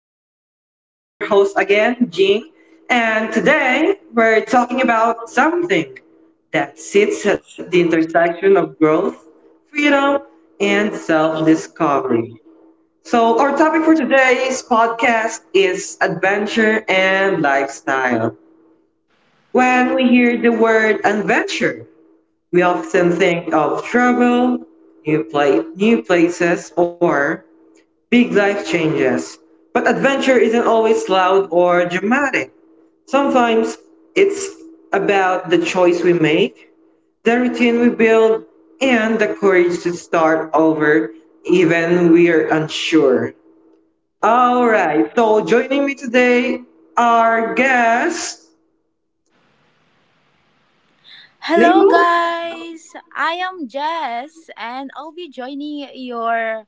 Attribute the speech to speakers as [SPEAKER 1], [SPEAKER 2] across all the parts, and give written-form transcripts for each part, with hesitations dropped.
[SPEAKER 1] Unfilteredness. I'm your host again, Jean, and today we're talking about something that sits at the intersection of growth, freedom, and self-discovery. So our topic for today's podcast is adventure and lifestyle. When we hear the word adventure, we often think of travel, new places, or big life changes. But adventure isn't always loud or dramatic. Sometimes it's about the choice we make, the routine we build, and the courage to start over even we're unsure. All right, so joining me today, our guest,
[SPEAKER 2] Hello,
[SPEAKER 1] Nemo.
[SPEAKER 2] guys! I am Jess, and I'll be joining your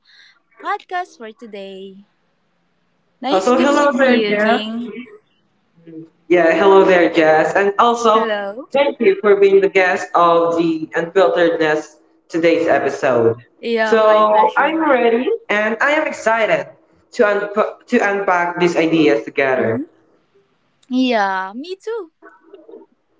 [SPEAKER 2] podcast for today.
[SPEAKER 1] Oh,
[SPEAKER 2] Nice
[SPEAKER 1] so
[SPEAKER 2] to
[SPEAKER 1] hello
[SPEAKER 2] meet
[SPEAKER 1] there,
[SPEAKER 2] you,
[SPEAKER 1] Jeff.
[SPEAKER 2] Jing.
[SPEAKER 1] Yeah, hello there, Jess. And also,
[SPEAKER 2] Hello.
[SPEAKER 1] thank you for being the guest of the Unfilteredness today's episode.
[SPEAKER 2] Yeah, my
[SPEAKER 1] So, I'm
[SPEAKER 2] pleasure.
[SPEAKER 1] ready and I am excited to unpack these ideas together.
[SPEAKER 2] hmm Yeah, me too.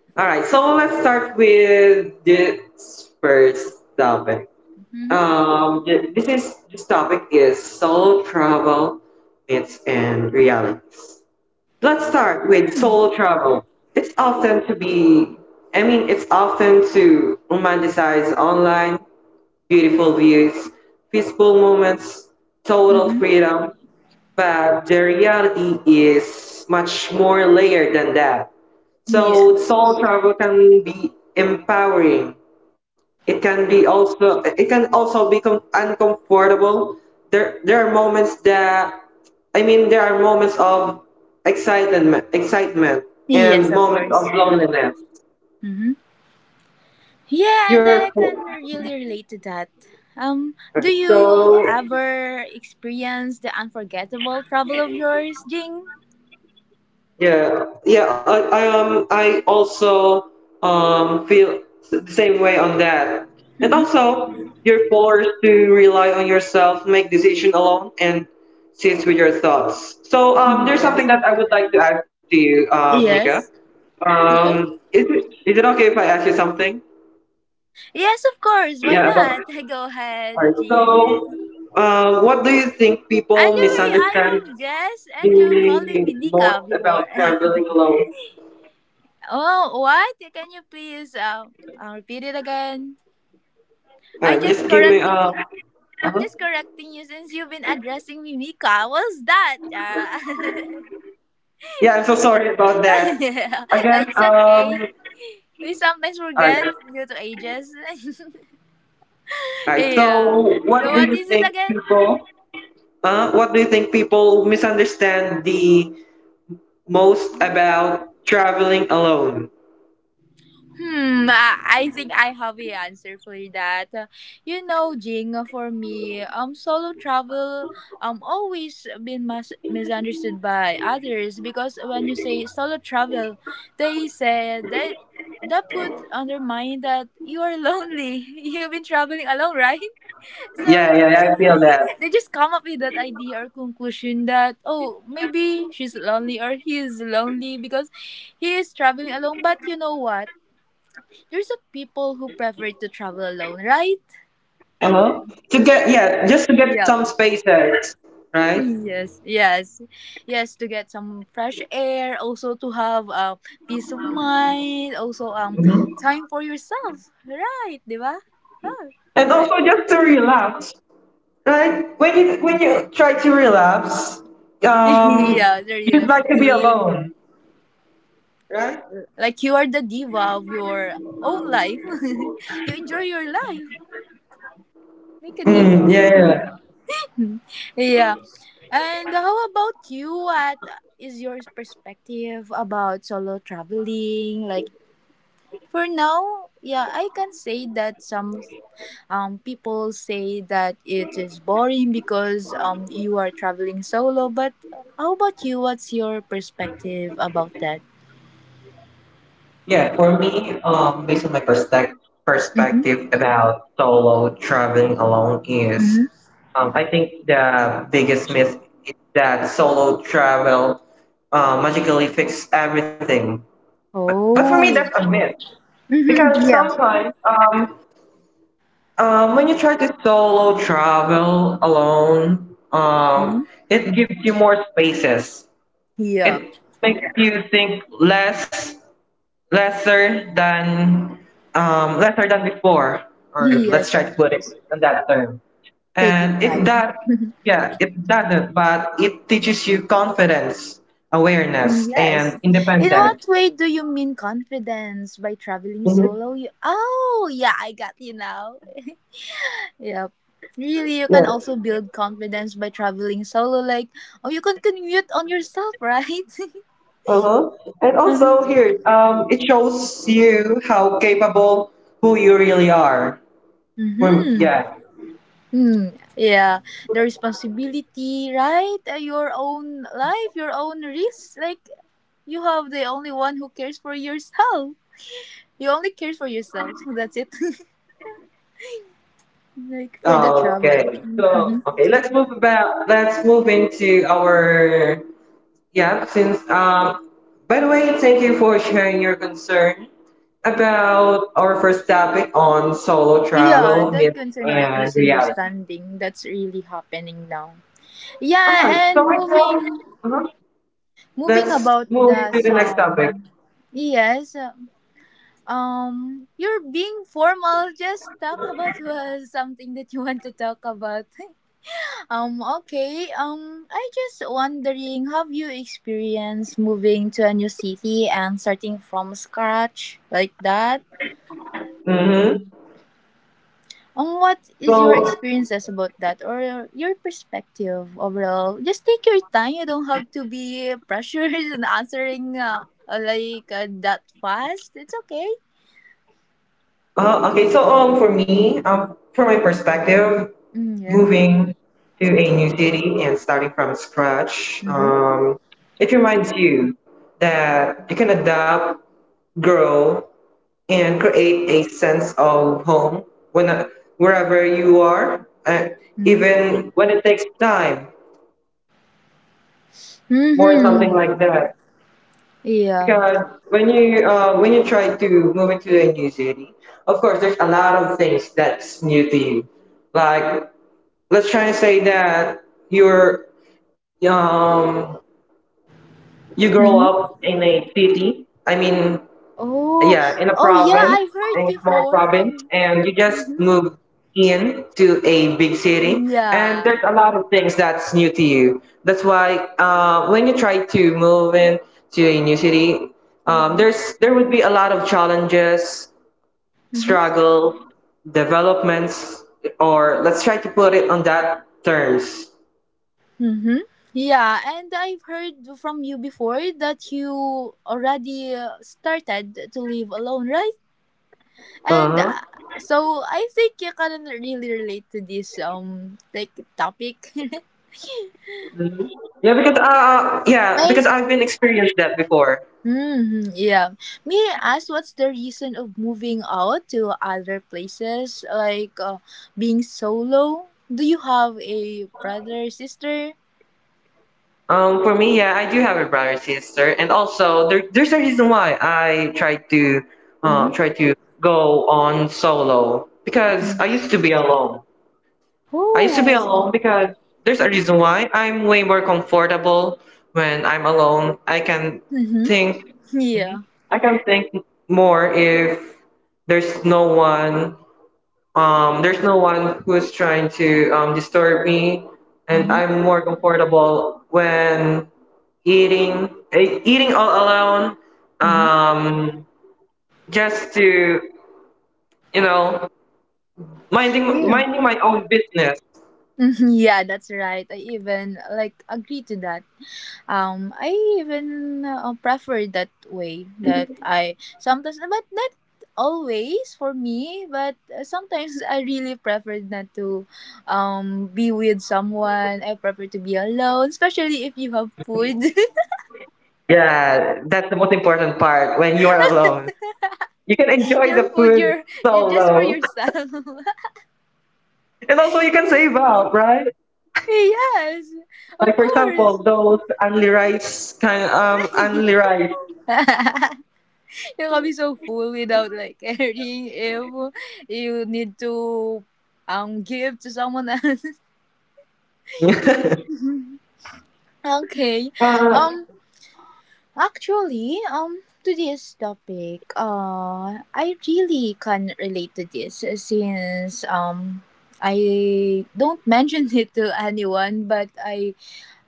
[SPEAKER 1] All right, so let's start with this first topic.
[SPEAKER 2] Mm-hmm.
[SPEAKER 1] This topic is solo travel myths and realities. Let's start with soul travel. It's often to be, I mean, it's often to romanticize online, beautiful views, peaceful moments, total
[SPEAKER 2] Mm-hmm.
[SPEAKER 1] freedom, but the reality is much more layered than that. So,
[SPEAKER 2] Yes.
[SPEAKER 1] soul travel can be empowering. It can also become uncomfortable. There are moments that, I mean, there are moments of excitement
[SPEAKER 2] Yes,
[SPEAKER 1] and
[SPEAKER 2] of
[SPEAKER 1] moments of
[SPEAKER 2] course.
[SPEAKER 1] loneliness.
[SPEAKER 2] Mm-hmm. Yeah, and
[SPEAKER 1] You're
[SPEAKER 2] I can really relate to that. Do you
[SPEAKER 1] so
[SPEAKER 2] ever experience the unforgettable travel of yours, Jing?
[SPEAKER 1] Yeah, yeah. I also feel the same way on that. And
[SPEAKER 2] Mm-hmm.
[SPEAKER 1] also, you're forced to rely on yourself, make decision alone, and sit with your thoughts. So there's something
[SPEAKER 2] Yes.
[SPEAKER 1] that I would like to ask to you, Nika.
[SPEAKER 2] Yes. Okay.
[SPEAKER 1] Is it okay if I ask you something?
[SPEAKER 2] Yes, of course. Why
[SPEAKER 1] Yeah, about
[SPEAKER 2] not?
[SPEAKER 1] all
[SPEAKER 2] Go
[SPEAKER 1] right.
[SPEAKER 2] ahead, Jing.
[SPEAKER 1] So, what do you think people
[SPEAKER 2] Anyway, I
[SPEAKER 1] misunderstand
[SPEAKER 2] am Jess, and you're calling
[SPEAKER 1] the
[SPEAKER 2] me Nika
[SPEAKER 1] most
[SPEAKER 2] before.
[SPEAKER 1] about traveling alone?
[SPEAKER 2] Oh, what? Can you please repeat it again?
[SPEAKER 1] All right, just
[SPEAKER 2] I
[SPEAKER 1] give me.
[SPEAKER 2] just correcting you.
[SPEAKER 1] Uh-huh.
[SPEAKER 2] I'm just correcting you since you've been addressing me Mika. What's that?
[SPEAKER 1] Yeah, I'm so sorry about that. Again,
[SPEAKER 2] It's okay.
[SPEAKER 1] all
[SPEAKER 2] We sometimes forget
[SPEAKER 1] right, all
[SPEAKER 2] due to ages.
[SPEAKER 1] right.
[SPEAKER 2] Yeah.
[SPEAKER 1] So, what
[SPEAKER 2] So
[SPEAKER 1] do
[SPEAKER 2] what
[SPEAKER 1] you
[SPEAKER 2] is it
[SPEAKER 1] think
[SPEAKER 2] again?
[SPEAKER 1] people? What do you think people misunderstand the most about traveling alone?
[SPEAKER 2] I think I have a answer for that. You know, Jing, for me, solo travel always been misunderstood by others because when you say solo travel, they said that that put on their mind that you are lonely. You've been traveling alone, right?
[SPEAKER 1] Yeah,
[SPEAKER 2] So
[SPEAKER 1] yeah, yeah,
[SPEAKER 2] they
[SPEAKER 1] I feel that.
[SPEAKER 2] they just come up with that idea or conclusion that oh, maybe she's lonely or he is lonely because he is traveling alone. But you know what? There's a people who prefer to travel alone, right?
[SPEAKER 1] Uh-huh. To get Yeah, just to get
[SPEAKER 2] Yep.
[SPEAKER 1] some spaces, right?
[SPEAKER 2] Yes, yes, yes, to get some fresh air, also to have peace of mind, also time for yourself, right? Di
[SPEAKER 1] And also
[SPEAKER 2] Right.
[SPEAKER 1] just to relax, right? When you try to relax,
[SPEAKER 2] Yeah,
[SPEAKER 1] um,
[SPEAKER 2] the real of king.
[SPEAKER 1] alone, right?
[SPEAKER 2] Like you are the diva of your own life. You enjoy your life. Make a
[SPEAKER 1] Mm,
[SPEAKER 2] diva.
[SPEAKER 1] yeah, yeah,
[SPEAKER 2] Yeah. And how about you? What is your perspective about solo traveling? Like, for now, yeah, I can say that some people say that it is boring because you are traveling solo. But how about you? What's your perspective about that?
[SPEAKER 1] yeah. For me, based on my perspective
[SPEAKER 2] Mm-hmm.
[SPEAKER 1] perspective about solo traveling alone is,
[SPEAKER 2] Mm-hmm.
[SPEAKER 1] I think the biggest myth is that solo travel magically fix everything. But for me,
[SPEAKER 2] Oh.
[SPEAKER 1] that's a myth
[SPEAKER 2] Mm-hmm.
[SPEAKER 1] because
[SPEAKER 2] Yeah.
[SPEAKER 1] sometimes when you try to solo travel alone,
[SPEAKER 2] Mm-hmm.
[SPEAKER 1] it gives you more spaces.
[SPEAKER 2] Yep.
[SPEAKER 1] It makes you think lesser than lesser than before, or let's
[SPEAKER 2] Yes,
[SPEAKER 1] try to
[SPEAKER 2] of
[SPEAKER 1] put it
[SPEAKER 2] course.
[SPEAKER 1] in that term.
[SPEAKER 2] Taking
[SPEAKER 1] And it that
[SPEAKER 2] time.
[SPEAKER 1] Yeah, it doesn't, but it teaches you confidence, awareness,
[SPEAKER 2] Yes.
[SPEAKER 1] and
[SPEAKER 2] In
[SPEAKER 1] independence.
[SPEAKER 2] what way do you mean confidence by traveling
[SPEAKER 1] Mhm.
[SPEAKER 2] solo? Oh, yeah, I got you now. Yep. Really, you
[SPEAKER 1] Yeah.
[SPEAKER 2] can also build confidence by traveling solo. Like, oh, you can commute on yourself, right?
[SPEAKER 1] Uh-huh. And
[SPEAKER 2] Uh huh.
[SPEAKER 1] also here, it shows you how capable who you really are. From
[SPEAKER 2] Mm-hmm.
[SPEAKER 1] Yeah.
[SPEAKER 2] Hmm. Yeah, the responsibility, right? Your own life, your own risk. Like you have the only one who cares for yourself. You only cares for yourself. That's it. Like for the travel.
[SPEAKER 1] Okay. So,
[SPEAKER 2] Mm-hmm.
[SPEAKER 1] okay, let's move about. Let's move into our Yeah, since by the way, thank you for sharing your concern about our first topic on solo
[SPEAKER 2] Yeah,
[SPEAKER 1] travel,
[SPEAKER 2] that
[SPEAKER 1] myth
[SPEAKER 2] concern about
[SPEAKER 1] and reality.
[SPEAKER 2] misunderstanding. That's really happening now.
[SPEAKER 1] Alright,
[SPEAKER 2] Yeah, and
[SPEAKER 1] so right now,
[SPEAKER 2] moving.
[SPEAKER 1] uh-huh,
[SPEAKER 2] Moving
[SPEAKER 1] let's
[SPEAKER 2] about
[SPEAKER 1] move
[SPEAKER 2] the
[SPEAKER 1] to the next topic.
[SPEAKER 2] some yes, you're being formal, just talk about something that you want to talk about. Okay, I just wondering, have you experienced moving to a new city and starting from scratch like that?
[SPEAKER 1] Mm-hmm.
[SPEAKER 2] What is your
[SPEAKER 1] So
[SPEAKER 2] experiences about that or your perspective overall? Just take your time. You don't have to be pressured in answering like that fast. It's okay.
[SPEAKER 1] Okay, so for me, from my perspective,
[SPEAKER 2] Mm, yeah.
[SPEAKER 1] moving to a new city and starting from scratch,
[SPEAKER 2] Mm-hmm.
[SPEAKER 1] it reminds you that you can adapt, grow, and create a sense of home when wherever you are,
[SPEAKER 2] Mm-hmm.
[SPEAKER 1] even when it takes time, more something
[SPEAKER 2] Mm-hmm.
[SPEAKER 1] like that.
[SPEAKER 2] Yeah.
[SPEAKER 1] Because when you try to move into a new city, of course, there's a lot of things that's new to you. Like, let's try to say that you're um you grow
[SPEAKER 2] Mm-hmm.
[SPEAKER 1] up in a city. I mean,
[SPEAKER 2] Oh,
[SPEAKER 1] yeah, in a
[SPEAKER 2] oh yeah.
[SPEAKER 1] province,
[SPEAKER 2] I've heard
[SPEAKER 1] in a small
[SPEAKER 2] before
[SPEAKER 1] province,
[SPEAKER 2] from.
[SPEAKER 1] and you just
[SPEAKER 2] Mm-hmm.
[SPEAKER 1] move in to a big city, and
[SPEAKER 2] Yeah.
[SPEAKER 1] there's a lot of things that's new to you. That's why when you try to move in to a new city,
[SPEAKER 2] Mm-hmm.
[SPEAKER 1] there's there would be a lot of challenges,
[SPEAKER 2] Mm-hmm.
[SPEAKER 1] struggle, developments, or let's try to put it on that terms.
[SPEAKER 2] Mm-hmm. Yeah, and I've heard from you before that you already started to live alone, right?
[SPEAKER 1] Uh
[SPEAKER 2] And
[SPEAKER 1] huh.
[SPEAKER 2] so I think you can really relate to this like topic.
[SPEAKER 1] Yeah, because uh yeah,
[SPEAKER 2] May
[SPEAKER 1] because I've been experienced that before.
[SPEAKER 2] yeah. May I ask what's the reason of moving out to other places like being solo? Do you have a brother sister?
[SPEAKER 1] For me, yeah, I do have a brother and sister, and also there's a reason why I try to uh,
[SPEAKER 2] Mm-hmm.
[SPEAKER 1] try to go on solo because I used to be alone. I used to be
[SPEAKER 2] Oh.
[SPEAKER 1] alone because there's a reason why I'm way more comfortable when I'm alone.
[SPEAKER 2] Mm-hmm.
[SPEAKER 1] Think
[SPEAKER 2] Yeah.
[SPEAKER 1] I can think more if there's no one there's no one who's trying to disturb me, and
[SPEAKER 2] Mm-hmm.
[SPEAKER 1] I'm more comfortable when eating all alone.
[SPEAKER 2] Mm-hmm.
[SPEAKER 1] Um, just to you know minding
[SPEAKER 2] Yeah.
[SPEAKER 1] minding my own business.
[SPEAKER 2] Mhm, yeah, that's right. I even like agree to that. I even prefer it that way. That I sometimes, but not always for me. But sometimes I really prefer not to, be with someone. I prefer to be alone, especially if you have food.
[SPEAKER 1] Yeah, that's the most important part when you are alone. You can enjoy the
[SPEAKER 2] Your food,
[SPEAKER 1] food
[SPEAKER 2] you just for
[SPEAKER 1] solo.
[SPEAKER 2] yourself.
[SPEAKER 1] And also you can save up, right?
[SPEAKER 2] Yes,
[SPEAKER 1] Like,
[SPEAKER 2] of
[SPEAKER 1] for
[SPEAKER 2] course.
[SPEAKER 1] example, those only rice kind, only rice.
[SPEAKER 2] You can be so full without like caring if you need to give to someone else. Okay.
[SPEAKER 1] uh,
[SPEAKER 2] Um actually, to this topic, I really can relate to this since I don't mention it to anyone, but I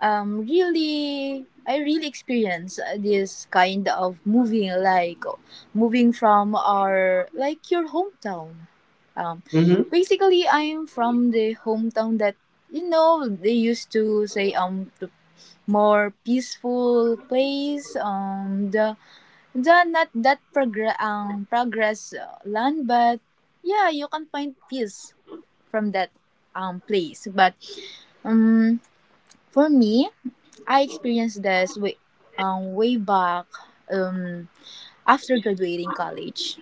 [SPEAKER 2] really I really experience this kind of moving, like moving from our like your hometown. Um
[SPEAKER 1] Mm-hmm.
[SPEAKER 2] basically I'm from the hometown that you know they used to say the more peaceful place, the not that progress progress land, but yeah you can find peace from that place, but um for me, I experienced this way, way back um, after graduating college.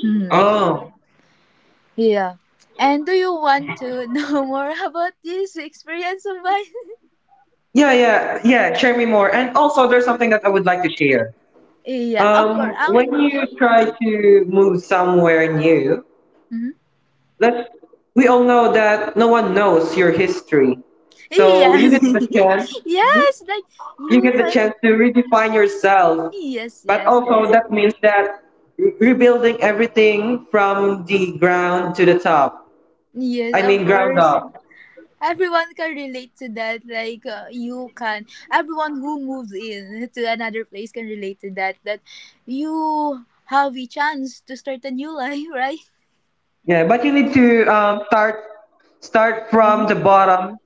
[SPEAKER 2] Hmm.
[SPEAKER 1] Oh,
[SPEAKER 2] Yeah. And do you want to know more about this experience of mine?
[SPEAKER 1] yeah, yeah, yeah. Share me more. And also, there's something that I would like to share.
[SPEAKER 2] Yeah, of course.
[SPEAKER 1] When you
[SPEAKER 2] Yep.
[SPEAKER 1] try to move somewhere new,
[SPEAKER 2] Mm-hmm.
[SPEAKER 1] let's we all know that no one knows your history, so you
[SPEAKER 2] Yes.
[SPEAKER 1] get the chance. Mhm.
[SPEAKER 2] Yes, like
[SPEAKER 1] You
[SPEAKER 2] you
[SPEAKER 1] get the
[SPEAKER 2] can.
[SPEAKER 1] chance to redefine yourself,
[SPEAKER 2] Yes,
[SPEAKER 1] but
[SPEAKER 2] yes,
[SPEAKER 1] also
[SPEAKER 2] yes.
[SPEAKER 1] that means that rebuilding everything from the ground to the top. I
[SPEAKER 2] Yes,
[SPEAKER 1] mean,
[SPEAKER 2] of
[SPEAKER 1] ground
[SPEAKER 2] course.
[SPEAKER 1] up.
[SPEAKER 2] Everyone can relate to that. Like you can, everyone who moves in to another place can relate to that. That you have a chance to start a new life, right?
[SPEAKER 1] Yeah, but you need to start
[SPEAKER 2] Mm-hmm.
[SPEAKER 1] from the bottom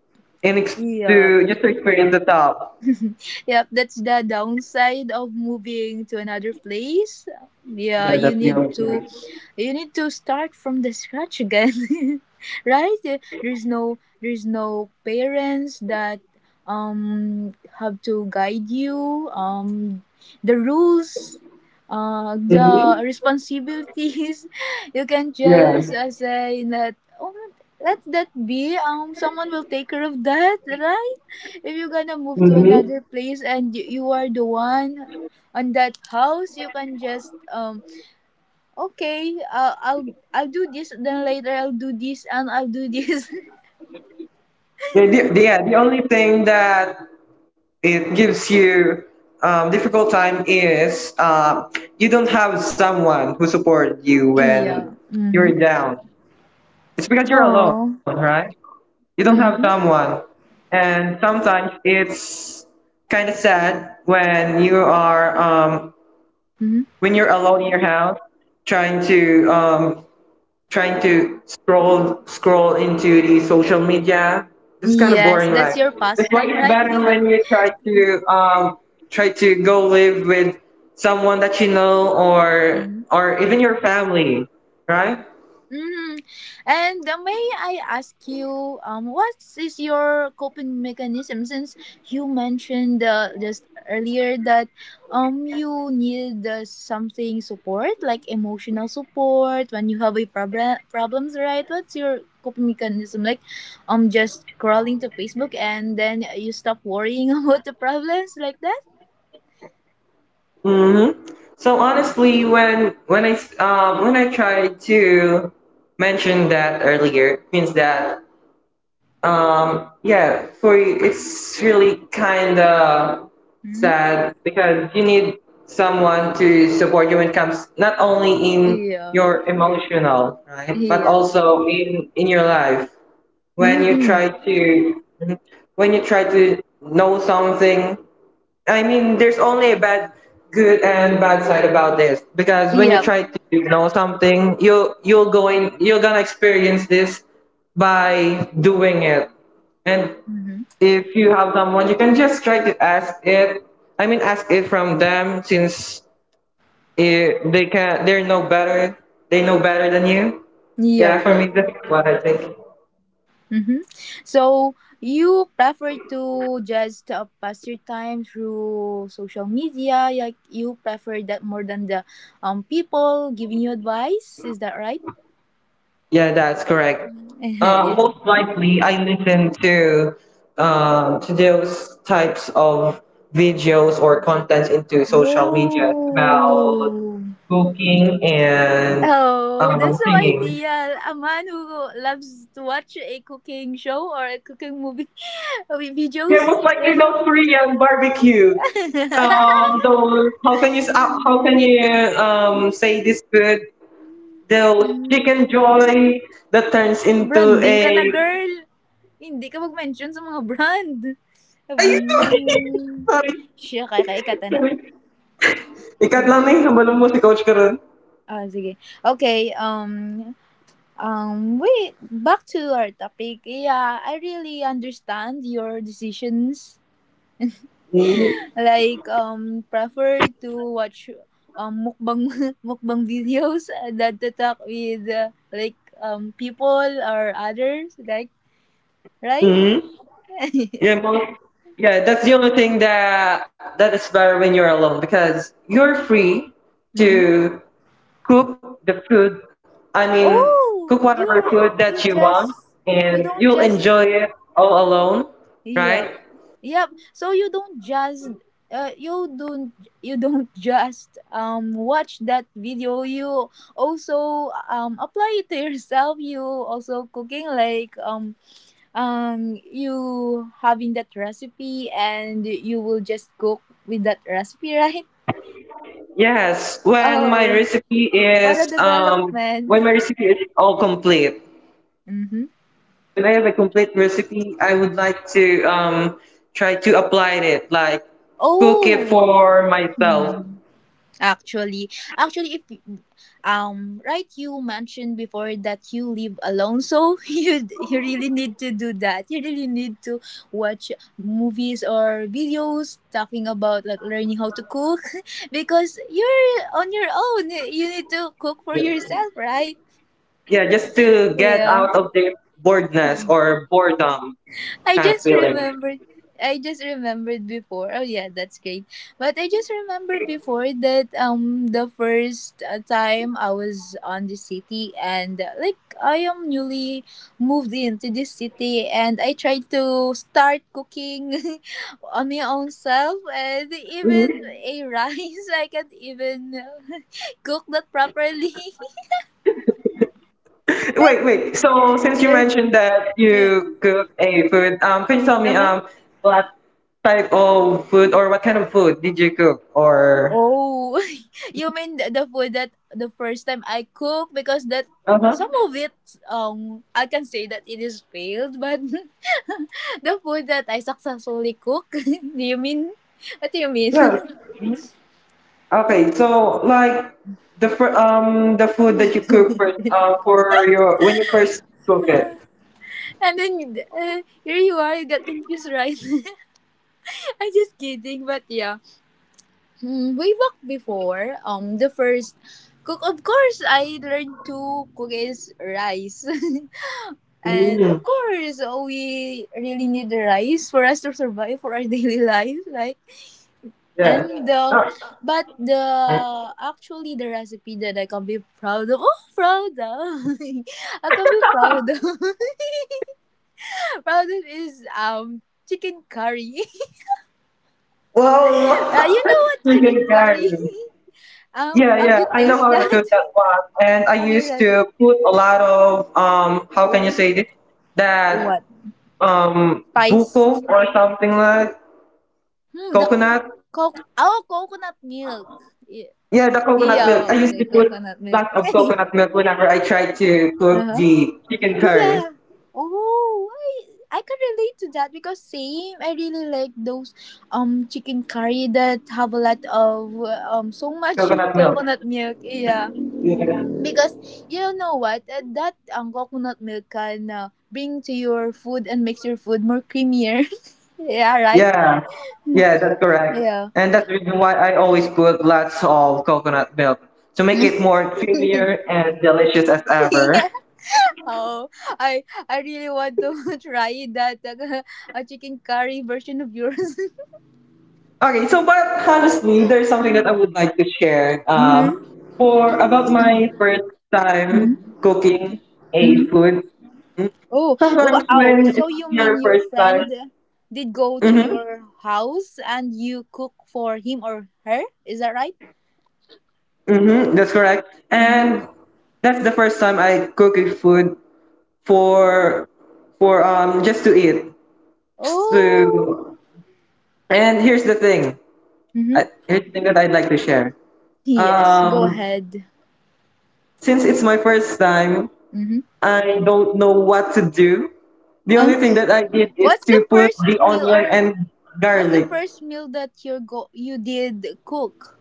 [SPEAKER 1] and ex-
[SPEAKER 2] Yeah.
[SPEAKER 1] to just to experience the top.
[SPEAKER 2] Yep, that's the downside of moving to another place. Yeah,
[SPEAKER 1] Yeah, that's the only thing.
[SPEAKER 2] you need to start from the scratch again. Right? There's no parents that um have to guide you. The rules,
[SPEAKER 1] Hmm.
[SPEAKER 2] the responsibilities. You can
[SPEAKER 1] Yeah.
[SPEAKER 2] just say that oh, let that be, someone will take care of that, right? If you're gonna move to
[SPEAKER 1] Hmm.
[SPEAKER 2] another place and you are the one on that house, you can just okay, I'll do this, then later I'll do this, and I'll do this.
[SPEAKER 1] Yeah, yeah. The only thing that it gives you difficult time is you don't have someone who supported you
[SPEAKER 2] Yeah.
[SPEAKER 1] when
[SPEAKER 2] Mm-hmm.
[SPEAKER 1] you're down. It's because you're alone,
[SPEAKER 2] Oh.
[SPEAKER 1] right? You don't have
[SPEAKER 2] Mm-hmm.
[SPEAKER 1] someone. And sometimes it's kind of sad when you are
[SPEAKER 2] Mm-hmm.
[SPEAKER 1] when you're alone in your house trying to um, trying to scroll into the social media. It's kind of
[SPEAKER 2] Yes,
[SPEAKER 1] boring
[SPEAKER 2] that's
[SPEAKER 1] life.
[SPEAKER 2] your
[SPEAKER 1] That's why
[SPEAKER 2] pastime,
[SPEAKER 1] it's
[SPEAKER 2] right?
[SPEAKER 1] better when you try to go live with someone that you know or
[SPEAKER 2] Mhm.
[SPEAKER 1] or even your family, right?
[SPEAKER 2] Hmm. And may I ask you, what is your coping mechanism? Since you mentioned just earlier that you need something support, like emotional support when you have a problems, right? What's your coping mechanism? Like, just crawling to Facebook and then you stop worrying about the problems like that.
[SPEAKER 1] hmm So honestly, when I tried to mention that earlier, it means that yeah, for you, it's really kind of
[SPEAKER 2] Mm-hmm.
[SPEAKER 1] sad because you need someone to support you when it comes not only in
[SPEAKER 2] Yeah.
[SPEAKER 1] your emotional right, but
[SPEAKER 2] Yeah.
[SPEAKER 1] also in your life when you
[SPEAKER 2] Mm-hmm.
[SPEAKER 1] try to when you try to know something. I mean, there's only good and bad side about this because when you
[SPEAKER 2] Yep.
[SPEAKER 1] try to know something, you'll go in, you're gonna experience this by doing it. And
[SPEAKER 2] Mm-hmm.
[SPEAKER 1] if you have someone, you can just try to ask it. I mean, ask it from them since they're no better, they know better than you. Yeah,
[SPEAKER 2] Yep.
[SPEAKER 1] for
[SPEAKER 2] Yep.
[SPEAKER 1] me, that's what I think.
[SPEAKER 2] Mm-hmm. So you prefer to just pass your time through social media, like you prefer that more than the people giving you advice. Is that right?
[SPEAKER 1] Yeah, that's correct.
[SPEAKER 2] Yeah.
[SPEAKER 1] Most likely, I listen to those types of videos or contents into social media about
[SPEAKER 2] Oh.
[SPEAKER 1] cooking and
[SPEAKER 2] Oh, that's so
[SPEAKER 1] singing.
[SPEAKER 2] ideal. A man who loves to watch a cooking show or a cooking movie with
[SPEAKER 1] Yeah,
[SPEAKER 2] videos.
[SPEAKER 1] most likely
[SPEAKER 2] Yeah.
[SPEAKER 1] those Korean barbecue. Those, how can you say this good? Those chicken joy that turns into
[SPEAKER 2] Branding
[SPEAKER 1] a.
[SPEAKER 2] ka na, girl! Hindi ka mag-mention sa mga brand. Um, Siya, kaya ikata na.
[SPEAKER 1] Sorry. Ikat lang na yung hambal si Coach Karen.
[SPEAKER 2] Ah, sige. Okay, wait, back to our topic. Yeah, I really understand your decisions.
[SPEAKER 1] hmm
[SPEAKER 2] Like, prefer to watch mukbang, mukbang videos that to talk with, like, people or others, like, right?
[SPEAKER 1] hmm Yeah, mga, yeah, that's the only thing that is better when you're alone because you're free
[SPEAKER 2] Mhm.
[SPEAKER 1] to cook the food. I mean,
[SPEAKER 2] Oh,
[SPEAKER 1] cook whatever food that
[SPEAKER 2] you
[SPEAKER 1] you want,
[SPEAKER 2] just you
[SPEAKER 1] and
[SPEAKER 2] don't
[SPEAKER 1] you'll
[SPEAKER 2] just
[SPEAKER 1] enjoy it all alone,
[SPEAKER 2] yep
[SPEAKER 1] right?
[SPEAKER 2] yep. So you don't just uh you don't you don't just watch that video. You also apply it to yourself. You also cooking like you having that recipe and you will just cook with that recipe, right?
[SPEAKER 1] Yes. When my
[SPEAKER 2] Oh,
[SPEAKER 1] recipe
[SPEAKER 2] what
[SPEAKER 1] is
[SPEAKER 2] a
[SPEAKER 1] when my
[SPEAKER 2] development.
[SPEAKER 1] recipe is all complete.
[SPEAKER 2] Mm-hmm.
[SPEAKER 1] When I have a complete recipe, I would like to try to apply it, like cook it
[SPEAKER 2] Oh.
[SPEAKER 1] for myself.
[SPEAKER 2] Hmm. Actually, actually, if right, you mentioned before that you live alone, so you really need to do that. You really need to watch movies or videos talking about like learning how to cook, because you're on your own. You need to cook for
[SPEAKER 1] Yeah.
[SPEAKER 2] yourself, right?
[SPEAKER 1] Yeah, just to get
[SPEAKER 2] Yeah.
[SPEAKER 1] out of the boredness or boredom
[SPEAKER 2] I
[SPEAKER 1] kind of
[SPEAKER 2] just
[SPEAKER 1] feeling.
[SPEAKER 2] remembered. I just remembered before. Oh yeah, that's great. But I just remembered before that the first time I was on the city and like I am newly moved into this city and I tried to start cooking on my own self, and even a rice I can't even cook that properly.
[SPEAKER 1] Wait, wait. So since you mentioned that you cook a food, could you tell me
[SPEAKER 2] Uh-huh.
[SPEAKER 1] what type of food or what kind of food did you cook or?
[SPEAKER 2] Oh, you mean the food that the first time I cook, because that
[SPEAKER 1] Uh huh.
[SPEAKER 2] some of it I can say that it is failed, but the food that I successfully cook. Do you mean? What do you mean?
[SPEAKER 1] Yeah. Okay, so like the food that you cook for your when you first cook it.
[SPEAKER 2] And then here you are, you got confused, right? I'm just kidding, but yeah. Mm, way back before, the first cook, of course, I learned to cook is rice. And of
[SPEAKER 1] Mm,
[SPEAKER 2] course, we really need the rice for us to survive for our daily life. Like,
[SPEAKER 1] yeah.
[SPEAKER 2] and
[SPEAKER 1] Uh,
[SPEAKER 2] but the actually the recipe that I can be proud of, oh, proud of, I can be proud of, proud of is chicken curry.
[SPEAKER 1] well,
[SPEAKER 2] You know what chicken
[SPEAKER 1] chicken
[SPEAKER 2] curry?
[SPEAKER 1] curry. Yeah,
[SPEAKER 2] Have
[SPEAKER 1] yeah.
[SPEAKER 2] you
[SPEAKER 1] I know
[SPEAKER 2] tasted
[SPEAKER 1] how to
[SPEAKER 2] that?
[SPEAKER 1] cook that one, and I
[SPEAKER 2] Have you
[SPEAKER 1] used
[SPEAKER 2] read?
[SPEAKER 1] to put a lot of how can you
[SPEAKER 2] Oh,
[SPEAKER 1] say this, that
[SPEAKER 2] what? Spice.
[SPEAKER 1] buko or something like
[SPEAKER 2] Hmm, the
[SPEAKER 1] coconut.
[SPEAKER 2] coke. Oh, coconut milk. Yeah,
[SPEAKER 1] Yeah, the coconut milk. I
[SPEAKER 2] yeah,
[SPEAKER 1] used to
[SPEAKER 2] the
[SPEAKER 1] put
[SPEAKER 2] coconut milk.
[SPEAKER 1] lots of coconut milk whenever I try to cook
[SPEAKER 2] Uh-huh.
[SPEAKER 1] the chicken curry.
[SPEAKER 2] Yeah. Oh, I can relate to that because same. I really like those chicken curry that have a lot of so much
[SPEAKER 1] Coconut milk.
[SPEAKER 2] coconut milk. Yeah,
[SPEAKER 1] Yeah,
[SPEAKER 2] because you know what? That coconut milk can bring to your food and makes your food more creamier. Yeah, right.
[SPEAKER 1] yeah, yeah, that's correct.
[SPEAKER 2] Yeah.
[SPEAKER 1] And that's the reason why I always put lots of coconut milk to make it more creamier and delicious as ever.
[SPEAKER 2] Yeah. Oh, I I really want to try that a chicken curry version of yours.
[SPEAKER 1] Okay, so but honestly, there's something that I would like to share.
[SPEAKER 2] Mm-hmm.
[SPEAKER 1] For About my first time cooking a
[SPEAKER 2] Mm-hmm.
[SPEAKER 1] food. Mm,
[SPEAKER 2] Oh,
[SPEAKER 1] sometimes
[SPEAKER 2] wow.
[SPEAKER 1] when
[SPEAKER 2] So
[SPEAKER 1] it's
[SPEAKER 2] you mean
[SPEAKER 1] your
[SPEAKER 2] your
[SPEAKER 1] first time.
[SPEAKER 2] friend did go to
[SPEAKER 1] Mm-hmm.
[SPEAKER 2] your house and you cook for him or her? Is that right?
[SPEAKER 1] Mm-hmm. That's correct.
[SPEAKER 2] Mm-hmm.
[SPEAKER 1] And that's the first time I cook a food for for just to eat. Just
[SPEAKER 2] Oh,
[SPEAKER 1] to And here's the thing.
[SPEAKER 2] mm-hmm.
[SPEAKER 1] Here's the thing that I'd like to share.
[SPEAKER 2] Yes, go
[SPEAKER 1] Um,
[SPEAKER 2] ahead.
[SPEAKER 1] since it's my first time,
[SPEAKER 2] Mm-hmm.
[SPEAKER 1] I don't know what to do. The only
[SPEAKER 2] Uh-huh.
[SPEAKER 1] thing that I did is
[SPEAKER 2] What's the
[SPEAKER 1] to put
[SPEAKER 2] first
[SPEAKER 1] the
[SPEAKER 2] meal
[SPEAKER 1] onion
[SPEAKER 2] or
[SPEAKER 1] and
[SPEAKER 2] what's the
[SPEAKER 1] garlic.
[SPEAKER 2] first meal that you did cook?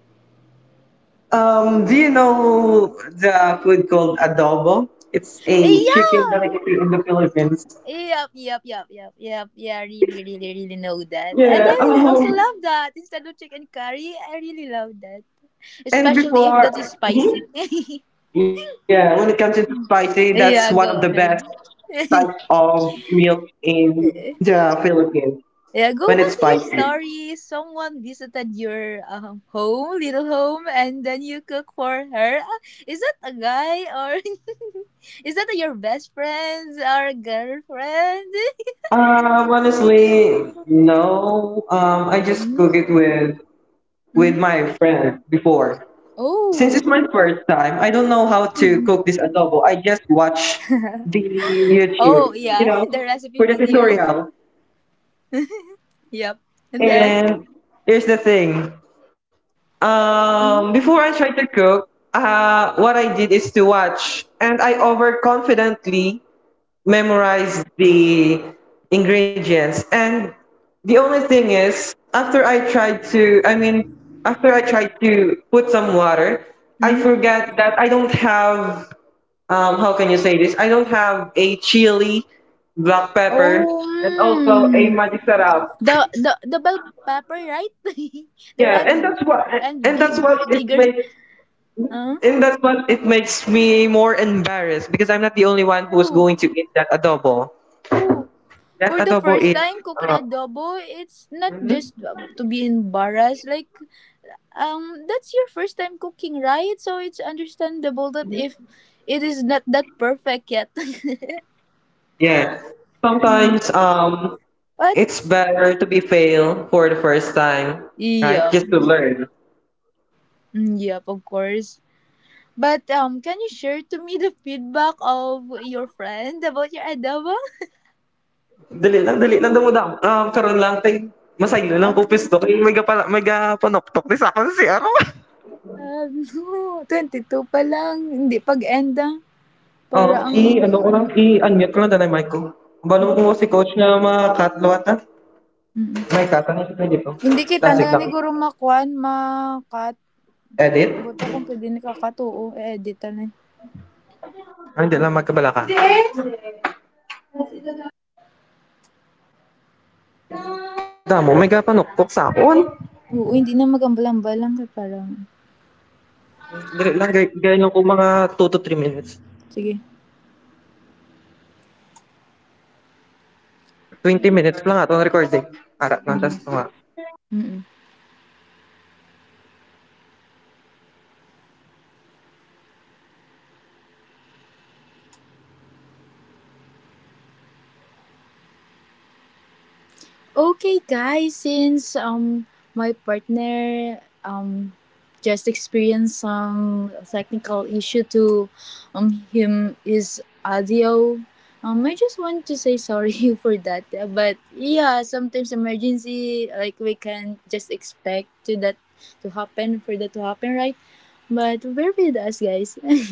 [SPEAKER 1] Do you know the food called adobo? It's
[SPEAKER 2] Eh,
[SPEAKER 1] a chicken
[SPEAKER 2] yeah.
[SPEAKER 1] delicacy in the Philippines.
[SPEAKER 2] Yep, yep, yep, yep, yep. Yeah, I really know that. And
[SPEAKER 1] Yeah.
[SPEAKER 2] I also love that. Instead of chicken curry, I really love that.
[SPEAKER 1] And
[SPEAKER 2] Especially if
[SPEAKER 1] before,
[SPEAKER 2] that is spicy.
[SPEAKER 1] Yeah, when it comes to spicy, that's one of the
[SPEAKER 2] Yeah,
[SPEAKER 1] best
[SPEAKER 2] go ahead.
[SPEAKER 1] types
[SPEAKER 2] Yeah,
[SPEAKER 1] of meals in the Philippines when
[SPEAKER 2] go
[SPEAKER 1] it's
[SPEAKER 2] back to your
[SPEAKER 1] spicy.
[SPEAKER 2] story. Someone visited your home, little home, and then you cook for her. Ah, is that a guy or is that your best friend or girlfriend?
[SPEAKER 1] Honestly, no. I just cook it
[SPEAKER 2] Mm-hmm.
[SPEAKER 1] with
[SPEAKER 2] Mm-hmm.
[SPEAKER 1] my friend before. Since
[SPEAKER 2] Oh.
[SPEAKER 1] it's my first time, I don't know how to cook this adobo. I just watch the YouTube,
[SPEAKER 2] Oh yeah, the recipe
[SPEAKER 1] for the
[SPEAKER 2] video.
[SPEAKER 1] tutorial.
[SPEAKER 2] Yep. And then.
[SPEAKER 1] And here's the thing. Before I tried to cook, what I did is to watch, and I overconfidently memorized the ingredients. And the only thing is, after I tried to, I mean, after I tried to put some water, I
[SPEAKER 2] Mhm.
[SPEAKER 1] forgot that I don't have, how can you say this? I don't have a chili, black pepper,
[SPEAKER 2] Oh,
[SPEAKER 1] and also a
[SPEAKER 2] mm,
[SPEAKER 1] magisarap.
[SPEAKER 2] the bell pepper, right? The
[SPEAKER 1] Yeah,
[SPEAKER 2] red and
[SPEAKER 1] and that's
[SPEAKER 2] big
[SPEAKER 1] what it
[SPEAKER 2] bigger.
[SPEAKER 1] made
[SPEAKER 2] Huh?
[SPEAKER 1] and that's what it makes me more embarrassed because I'm not the only one who's
[SPEAKER 2] Oh,
[SPEAKER 1] going to eat that adobo.
[SPEAKER 2] oh.
[SPEAKER 1] That
[SPEAKER 2] For the
[SPEAKER 1] adobo
[SPEAKER 2] first
[SPEAKER 1] is,
[SPEAKER 2] time cooking
[SPEAKER 1] uh,
[SPEAKER 2] adobo, it's not
[SPEAKER 1] mhm,
[SPEAKER 2] just to be embarrassed. Like that's your first time cooking, right? So it's understandable that if it is not that perfect yet.
[SPEAKER 1] yes.
[SPEAKER 2] Mhm.
[SPEAKER 1] Sometimes
[SPEAKER 2] But
[SPEAKER 1] it's better to be fail for the first time, right?
[SPEAKER 2] yep,
[SPEAKER 1] Just to learn.
[SPEAKER 2] mm, yep, of course. Can you share to me the feedback of your friend about your adobo?
[SPEAKER 1] Dali lang, dumudam. Karon lang, kay masaylo lang
[SPEAKER 2] Ah,
[SPEAKER 1] ko pisto. Kay mega, pala, mega panoktok ni sa akin si Aro.
[SPEAKER 2] ano, 22 pa lang, hindi pag-end, ah, para
[SPEAKER 1] Oo,
[SPEAKER 2] ang
[SPEAKER 1] I, ano ko lang,
[SPEAKER 2] ano
[SPEAKER 1] i-unmute ko lang dahil mic ko. Balong ko
[SPEAKER 2] mm,
[SPEAKER 1] si coach na mga katlo ata.
[SPEAKER 2] mm.
[SPEAKER 1] May kata na siya dito.
[SPEAKER 2] Hindi kita na
[SPEAKER 1] Tasig
[SPEAKER 2] lang
[SPEAKER 1] lang.
[SPEAKER 2] siguro ma-kuan, ma
[SPEAKER 1] Edit?
[SPEAKER 2] buta kung pwede ni ka-cut, oo, i-edit na lang.
[SPEAKER 1] Ah, hindi lang magkabala ka. Damo, may gapanukpok sa akon.
[SPEAKER 2] Oo, hindi na mag-ambal-ambal lang kay parang
[SPEAKER 1] Dili lang, gay, gay lang ko mga 2 to 3 minutes.
[SPEAKER 2] sige,
[SPEAKER 1] 20 minutes lang ato ang recording. Ara, nantas
[SPEAKER 2] mm,
[SPEAKER 1] ko nga.
[SPEAKER 2] mm. Okay, guys, since my partner just experienced some technical issue to him his audio. I just want to say sorry for that. But yeah, sometimes emergency like we can just expect to that to happen for that to happen, right? But bear with us, guys.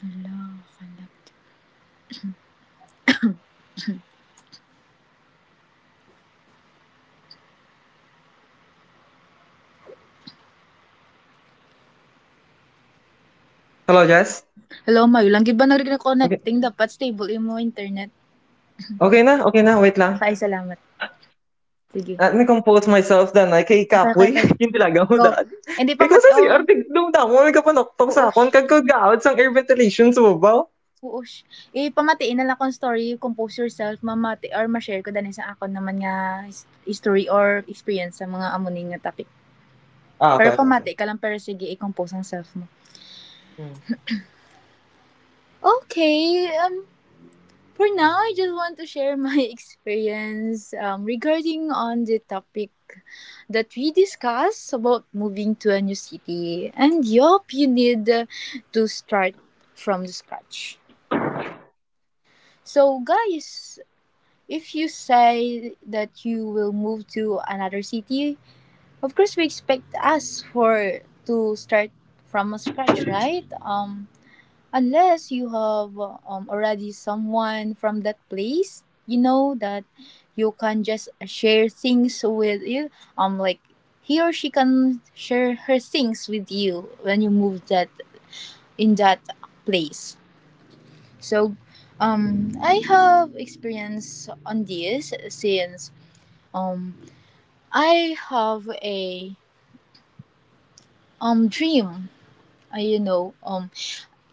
[SPEAKER 2] Hello,
[SPEAKER 1] Hello, Jess?
[SPEAKER 2] hello, May. Langgi ba narinig na rin
[SPEAKER 1] Okay.
[SPEAKER 2] connecting? Dapat stable imo internet.
[SPEAKER 1] Okay na, okay na, wait lang.
[SPEAKER 2] Okay, salamat. Sige.
[SPEAKER 1] At me compose myself dan ay kay Kapoy.
[SPEAKER 2] Okay.
[SPEAKER 1] Yung talaga mo
[SPEAKER 2] Go.
[SPEAKER 1] daan.
[SPEAKER 2] Hindi
[SPEAKER 1] Kay ko
[SPEAKER 2] pamati,
[SPEAKER 1] sa CR,
[SPEAKER 2] oh,
[SPEAKER 1] tigdong damo, may gapanukpok
[SPEAKER 2] oo,
[SPEAKER 1] sa akon.
[SPEAKER 2] sh-
[SPEAKER 1] Kagkagaot sang air ventilation sa babaw.
[SPEAKER 2] oo, sh- Ipamatay na lang kong story, compose yourself, mamati, or ma-share ko dani sa akon naman nga his- history or experience sa mga amuning nga topic.
[SPEAKER 1] Ah,
[SPEAKER 2] Pero
[SPEAKER 1] okay, okay, okay.
[SPEAKER 2] pamati ka lang, pero sige, i-compose ang self mo.
[SPEAKER 1] Mm.
[SPEAKER 2] Okay, for now, I just want to share my experience regarding on the topic that we discussed about moving to a new city. And yup, you need to start from scratch. So guys, if you say that you will move to another city, of course we expect us for to start from scratch, right? Unless you have already someone from that place, you know that you can just share things with you. Like he or she can share her things with you when you move that in that place. So, I have experience on this since um, I have a dream. You know,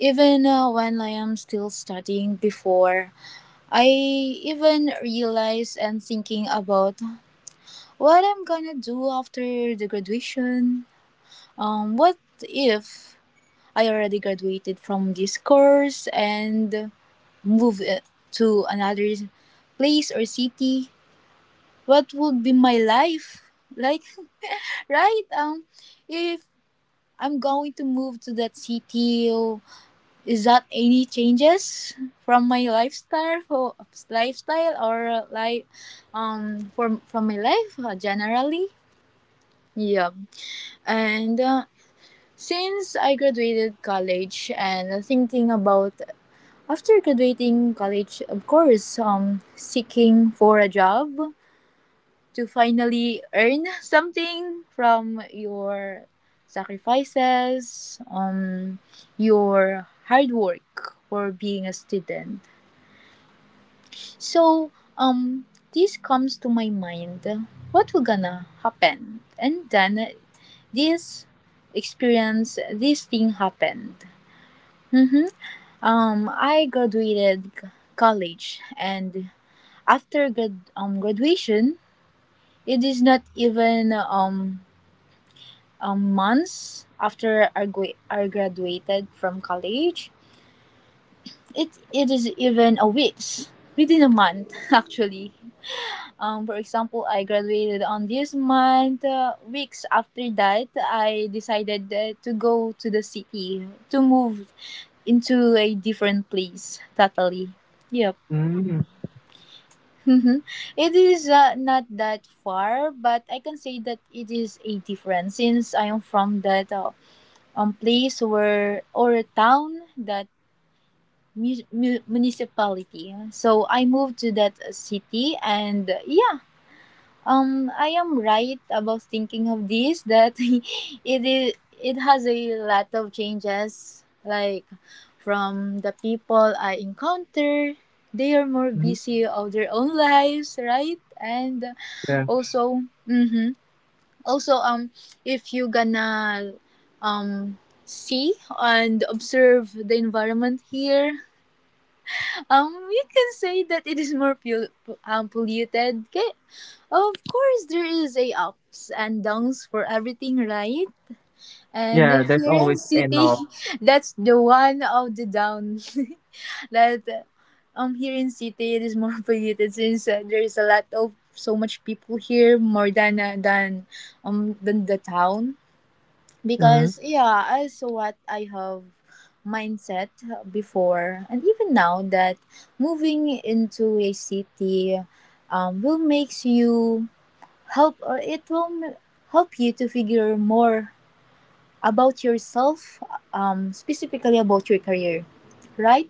[SPEAKER 2] even when I am still studying before, I even realize and thinking about what I'm gonna do after the graduation. What if I already graduated from this course and move to another place or city? What would be my life like? Right? If I'm going to move to that city. Is that any changes from my lifestyle, for lifestyle or like from my life generally? Yeah, and since I graduated college and thinking about after graduating college, of course, seeking for a job to finally earn something from your sacrifices, your hard work for being a student. So, this comes to my mind. What will gonna happen? And then, this experience, this thing happened. Mm-hmm. I graduated c- college, and after graduation, it is not even months after I graduated from college. It is even a weeks within a month actually. For example, I graduated on this month. Weeks after that, I decided to go to the city to move into a different place totally. Yep.
[SPEAKER 1] Mm-hmm.
[SPEAKER 2] Mhm. It is not that far, but I can say that it is a difference since I am from that place or a town that municipality, so I moved to that city and yeah, I am right about thinking of this that it is it has a lot of changes like from the people I encounter, they are more busy of their own lives, right? And
[SPEAKER 1] Yeah.
[SPEAKER 2] also mm-hmm, also if you gonna um see and observe the environment here, we can say that it is more polluted. Okay, of course there is a ups and downs for everything, right? And
[SPEAKER 1] Yeah,
[SPEAKER 2] if
[SPEAKER 1] there's
[SPEAKER 2] you're in
[SPEAKER 1] always enough.
[SPEAKER 2] city that's the one of the down that here in city it is more polluted, since there is a lot of so much people here more than than the town.
[SPEAKER 1] Mm-hmm.
[SPEAKER 2] Because yeah, also what I have mindset before and even now, that moving into a city will makes you help, or it will help you to figure more about yourself, specifically about your career, right?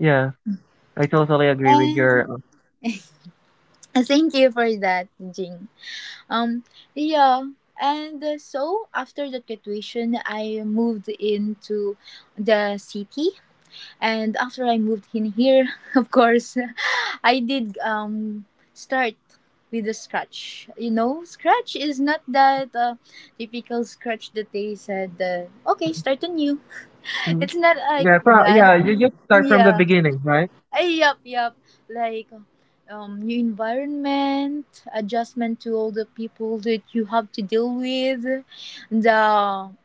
[SPEAKER 1] Yeah. I totally agree with your.
[SPEAKER 2] And thank you for that, Jing. um yeah. And so after that graduation I moved into the city. And after I moved in here, of course, I did start with a scratch. You know, scratch is not that typical scratch that they said, okay, start anew.
[SPEAKER 1] uh,
[SPEAKER 2] It's not like
[SPEAKER 1] Yeah,
[SPEAKER 2] that.
[SPEAKER 1] yeah, you just start from the
[SPEAKER 2] Yeah.
[SPEAKER 1] beginning, right?
[SPEAKER 2] Yup, yup. Like new environment, adjustment to all the people that you have to deal with, the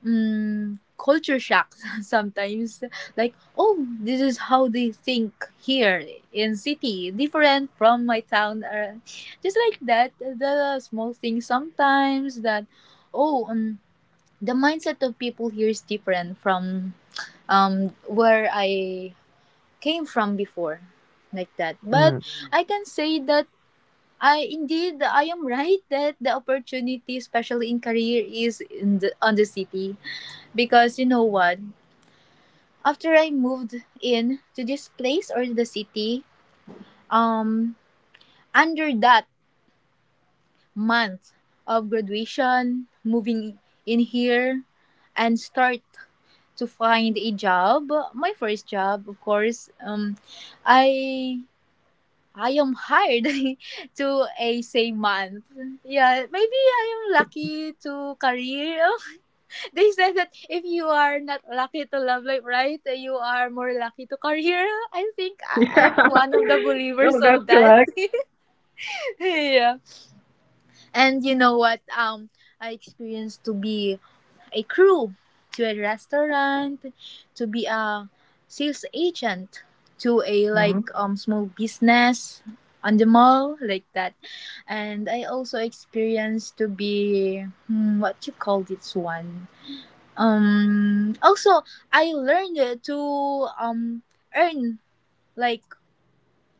[SPEAKER 2] culture shock sometimes. Like, oh, this is how they think here in city, different from my town. Or just like that, the small things sometimes that, oh, the mindset of people here is different from where I came from before, like that. But
[SPEAKER 1] Hmm.
[SPEAKER 2] I can say that I am right that the opportunity especially in career is in the on the city. Because you know what, after I moved in to this place or the city, um under that month of graduation, moving in here and start to find a job, my first job, of course, i I am hired to a same month. Yeah, maybe I am lucky to career. They said that if you are not lucky to love life, right, you are more lucky to career. I think
[SPEAKER 1] Yeah.
[SPEAKER 2] I'm one of the believers
[SPEAKER 1] No, that's
[SPEAKER 2] of that.
[SPEAKER 1] correct.
[SPEAKER 2] Yeah. And you know what? I experienced to be a crew, to a restaurant, to be a sales agent, to a like
[SPEAKER 1] Hmm.
[SPEAKER 2] small business on the mall like that. And I also experienced to be hmm, what you call this one. Also I learned to um earn like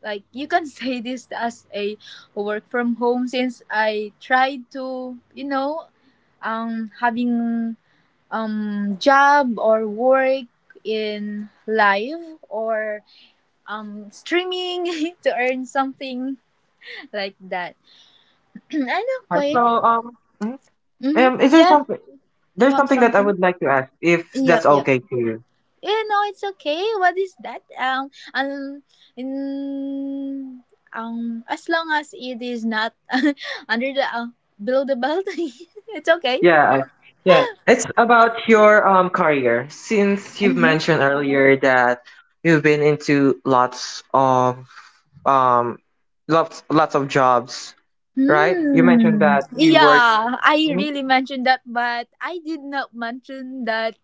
[SPEAKER 2] you can say this as a work from home, since I tried to you know having job or work in live or streaming to earn something like that. I know,
[SPEAKER 1] So,
[SPEAKER 2] Koy.
[SPEAKER 1] mhm.
[SPEAKER 2] Mm-hmm.
[SPEAKER 1] Is there
[SPEAKER 2] Yeah,
[SPEAKER 1] something?
[SPEAKER 2] you
[SPEAKER 1] There's
[SPEAKER 2] have
[SPEAKER 1] something that I
[SPEAKER 2] something.
[SPEAKER 1] would like to ask, if
[SPEAKER 2] Yep,
[SPEAKER 1] that's
[SPEAKER 2] yep.
[SPEAKER 1] okay to you.
[SPEAKER 2] You know it's okay. What is that? In, as long as it is not under the below the belt, it's okay.
[SPEAKER 1] Yeah, yeah. It's about your career. Since you've
[SPEAKER 2] Mm-hmm.
[SPEAKER 1] mentioned earlier that you've been into um lots of jobs, right? You mentioned
[SPEAKER 2] Hmm.
[SPEAKER 1] that you work.
[SPEAKER 2] Yeah, I
[SPEAKER 1] Mm-hmm.
[SPEAKER 2] really mentioned that, but I did not mention that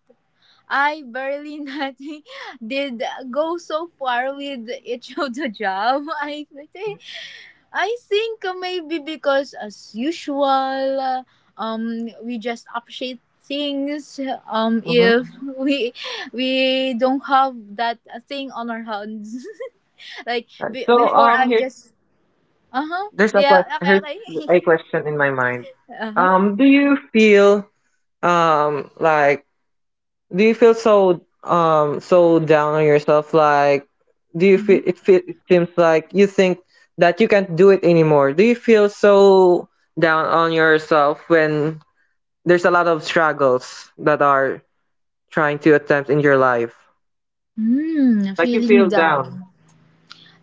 [SPEAKER 2] I barely nothing did go so far with each of the job. Think I think maybe because as usual, we just appreciate things.
[SPEAKER 1] Mm-hmm.
[SPEAKER 2] If we we don't have that thing on our hands, like
[SPEAKER 1] Right. So,
[SPEAKER 2] before I'm
[SPEAKER 1] here's
[SPEAKER 2] just uh huh
[SPEAKER 1] there's a
[SPEAKER 2] yeah
[SPEAKER 1] question.
[SPEAKER 2] okay
[SPEAKER 1] Here's
[SPEAKER 2] okay
[SPEAKER 1] a question in my mind.
[SPEAKER 2] uh huh
[SPEAKER 1] Um, do you feel um like do you feel so so down on yourself? Like, do you feel
[SPEAKER 2] mm-hmm.
[SPEAKER 1] it? Feel, it seems like you think that you can't do it anymore. Do you feel so down on yourself when there's a lot of struggles that are trying to attempt in your life?
[SPEAKER 2] Mm,
[SPEAKER 1] Like you feel
[SPEAKER 2] feeling
[SPEAKER 1] down.
[SPEAKER 2] down.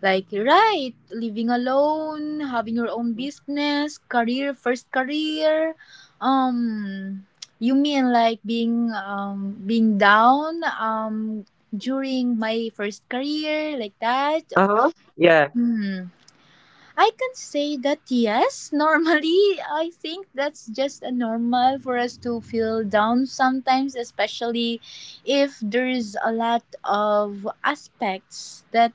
[SPEAKER 2] Like, right, living alone, having your own business, career, first career. Um, you mean like being down during my first career like that?
[SPEAKER 1] Uh huh. Yeah.
[SPEAKER 2] Hmm. I can say that yes. Normally, I think that's just a normal for us to feel down sometimes, especially if there's a lot of aspects that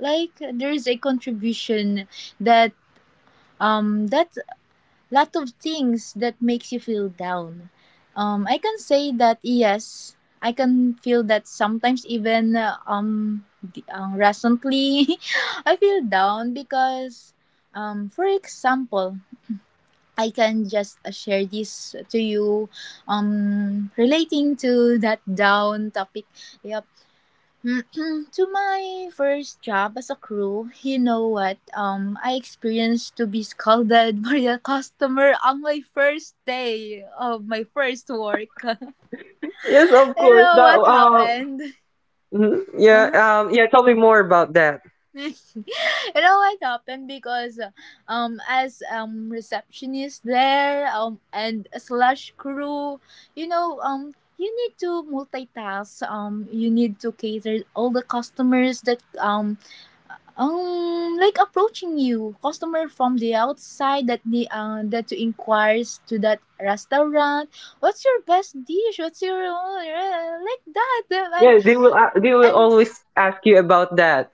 [SPEAKER 2] like there's a contribution that um that lot of things that makes you feel down. I can say that yes, I can feel that sometimes even recently. I feel down because for example, I can just share this to you relating to that down topic. Yeah. To my first job as a crew, you know what? I experienced to be scolded by a customer on my first day of my first work.
[SPEAKER 1] Yes, of
[SPEAKER 2] You
[SPEAKER 1] course.
[SPEAKER 2] know
[SPEAKER 1] That
[SPEAKER 2] what
[SPEAKER 1] uh.
[SPEAKER 2] happened?
[SPEAKER 1] Mhm. Yeah.
[SPEAKER 2] Uh-huh.
[SPEAKER 1] Yeah. Tell me more about that.
[SPEAKER 2] You know what happened? Because as receptionist there and slash crew, you know you need to multitask, you need to cater all the customers that like approaching you, customer from the outside, that the that you inquires to that restaurant, what's your best dish? What's your like that? And
[SPEAKER 1] Yeah, they will
[SPEAKER 2] and
[SPEAKER 1] always ask you about that.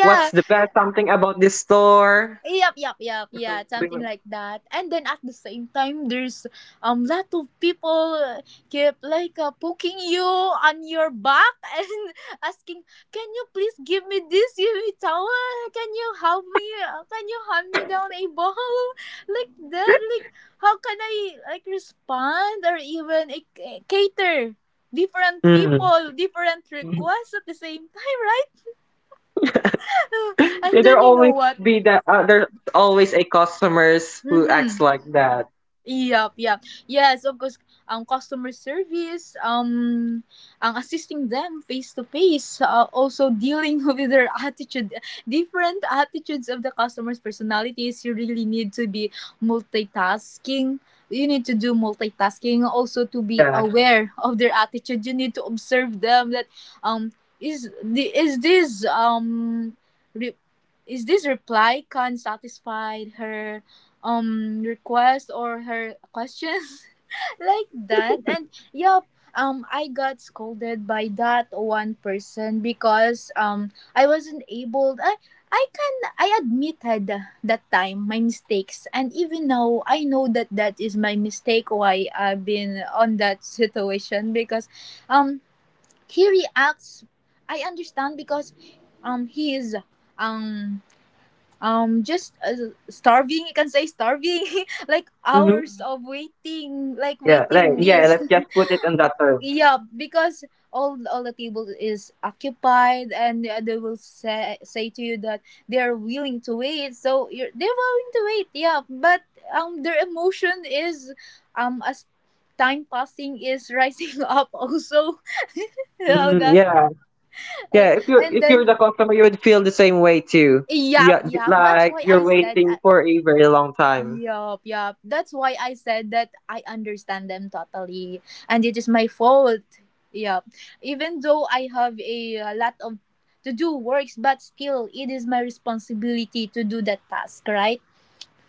[SPEAKER 1] What's the best something about this store?
[SPEAKER 2] yup, yup, yup.
[SPEAKER 1] Or
[SPEAKER 2] Yeah,
[SPEAKER 1] something like
[SPEAKER 2] something like that. And then at the same time, there's lot of people, keep like, poking you on your back and asking, "Can you please give me this, give me towel? Can you help me? Can you hand me down a ball like that? Like how can I, like, respond or even, like, cater?" Different
[SPEAKER 1] mm.
[SPEAKER 2] people, different requests at the same time, right?
[SPEAKER 1] Yeah,
[SPEAKER 2] And
[SPEAKER 1] there
[SPEAKER 2] then, you know
[SPEAKER 1] always
[SPEAKER 2] what.
[SPEAKER 1] be that there's always a customers who acts
[SPEAKER 2] Mhm.
[SPEAKER 1] like that.
[SPEAKER 2] Yup, yup. Yes, of course, ang customer service, ang assisting them face to face, also dealing with their attitude, different attitudes of the customer's personalities. You really need to be multitasking. You need to do multitasking, also to be
[SPEAKER 1] Yeah.
[SPEAKER 2] aware of their attitude. You need to observe them that, um, is this, re- is this reply can satisfy her, requests or her questions like that, and yup. I got scolded by that one person because, I wasn't able. I i can i admitted that time my mistakes, and even now I know that that is my mistake, why I've been on that situation because, um he reacts. I understand because, he is um just, starving. You can say starving like
[SPEAKER 1] Hmm.
[SPEAKER 2] hours of waiting, like
[SPEAKER 1] Yeah, like,
[SPEAKER 2] waiting
[SPEAKER 1] yeah,
[SPEAKER 2] list.
[SPEAKER 1] let's just put it in that term.
[SPEAKER 2] Yeah, because all the table is occupied, and they will say to you that they are willing to wait, so you're they're willing to wait, yeah, but, their emotion is, as time passing, is rising up also. You know
[SPEAKER 1] Mm,
[SPEAKER 2] that.
[SPEAKER 1] yeah.
[SPEAKER 2] and,
[SPEAKER 1] Yeah, if you
[SPEAKER 2] and
[SPEAKER 1] if
[SPEAKER 2] then,
[SPEAKER 1] you're the customer, you would feel the same way too.
[SPEAKER 2] yep,
[SPEAKER 1] Yeah,
[SPEAKER 2] yep, that's
[SPEAKER 1] like
[SPEAKER 2] why I
[SPEAKER 1] you're
[SPEAKER 2] said,
[SPEAKER 1] waiting for a very long time.
[SPEAKER 2] yup, yup. That's why I said that I understand them totally. And it is my fault. Yup. Even though I have a, lot of to do works, but still, it is my responsibility to do that task, right?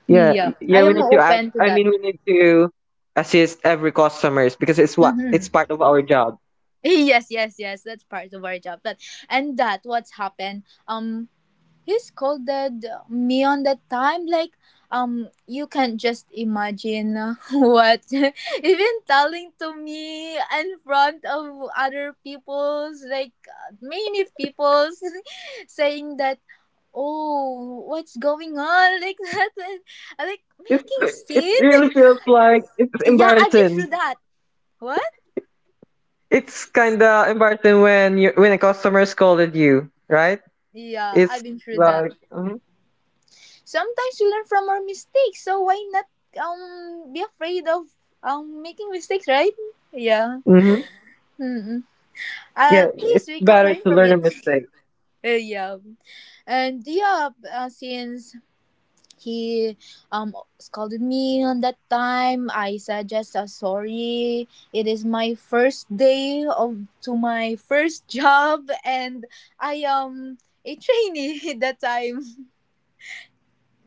[SPEAKER 1] Yeah,
[SPEAKER 2] Yeah, I
[SPEAKER 1] yeah, we
[SPEAKER 2] am
[SPEAKER 1] need to act.
[SPEAKER 2] open to
[SPEAKER 1] I
[SPEAKER 2] that.
[SPEAKER 1] mean, we need to assist every customers because it's
[SPEAKER 2] Mm-hmm.
[SPEAKER 1] part of our job.
[SPEAKER 2] Yes, yes, yes. That's part of our job. But and that what's happened. He scolded me on that time, like, you can just imagine what even telling to me in front of other people's, like, many people's, saying that, oh, what's going on, like that, and, like
[SPEAKER 1] It
[SPEAKER 2] making
[SPEAKER 1] it
[SPEAKER 2] scene.
[SPEAKER 1] really feels like it's
[SPEAKER 2] Yeah, I've been
[SPEAKER 1] embarrassing.
[SPEAKER 2] through that. What?
[SPEAKER 1] It's kind of embarrassing when a customer scolded you, right?
[SPEAKER 2] Yeah, I've
[SPEAKER 1] It's
[SPEAKER 2] been through that.
[SPEAKER 1] like,
[SPEAKER 2] Sometimes we learn from our mistakes, so why not, be afraid of, making mistakes, right? Yeah.
[SPEAKER 1] mhm.
[SPEAKER 2] Mm-mm.
[SPEAKER 1] yeah,
[SPEAKER 2] At
[SPEAKER 1] it's
[SPEAKER 2] least we can
[SPEAKER 1] better
[SPEAKER 2] learn
[SPEAKER 1] to
[SPEAKER 2] from
[SPEAKER 1] learn a
[SPEAKER 2] it.
[SPEAKER 1] mistake.
[SPEAKER 2] Yeah. And yeah, since he, um scolded me on that time, I said just, sorry. It is my first day of to my first job, and I am a trainee that time.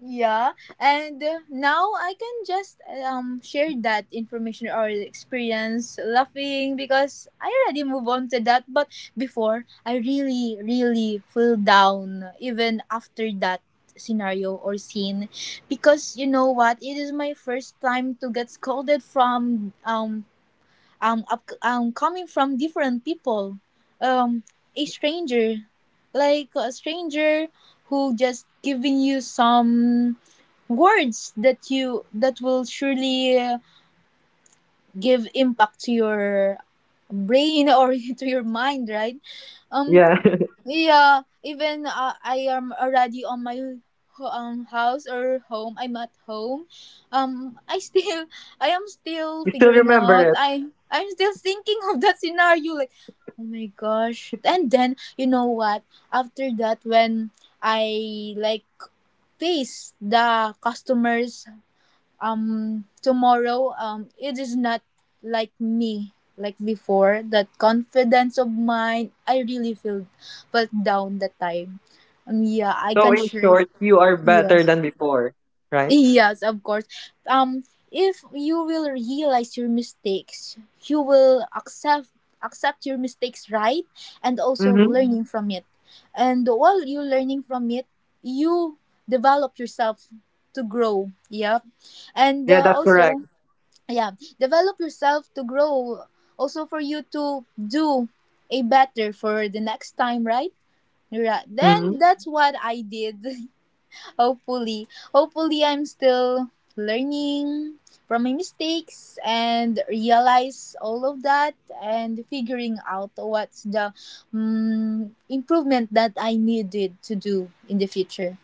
[SPEAKER 2] Yeah, and now I can just, share that information or experience laughing because I already move on to that. But before, I really, really feel down even after that scenario or scene because you know what? It is my first time to get scolded from, up, coming from different people, um a stranger, like a stranger who just giving you some words that you that will surely, give impact to your brain or to your mind, right? um
[SPEAKER 1] Yeah.
[SPEAKER 2] yeah, even I am already on my house or home, I'm at home. I still I am still
[SPEAKER 1] You still
[SPEAKER 2] figuring
[SPEAKER 1] remember
[SPEAKER 2] out.
[SPEAKER 1] it.
[SPEAKER 2] I'm still thinking of that scenario, like, oh my gosh. And then, you know what, after that, when I like face the customers, tomorrow, it is not like me, like before, that confidence of mine, I really feel felt down that time. Yeah, I
[SPEAKER 1] So
[SPEAKER 2] can
[SPEAKER 1] in
[SPEAKER 2] share.
[SPEAKER 1] short, you are better
[SPEAKER 2] Yes,
[SPEAKER 1] than before, right?
[SPEAKER 2] yes, of course. um if you will realize your mistakes, you will accept your mistakes, right? And also
[SPEAKER 1] Mm-hmm.
[SPEAKER 2] learning from it, and while you're learning from it, you develop yourself to grow, yeah, and,
[SPEAKER 1] Yeah, that's
[SPEAKER 2] also,
[SPEAKER 1] correct.
[SPEAKER 2] yeah, develop yourself to grow, also for you to do a better for the next time, right? Right,
[SPEAKER 1] Mm-hmm.
[SPEAKER 2] then that's what I did. hopefully hopefully I'm still learning from my mistakes and realize all of that, and figuring out what's the, improvement that I needed to do in the future.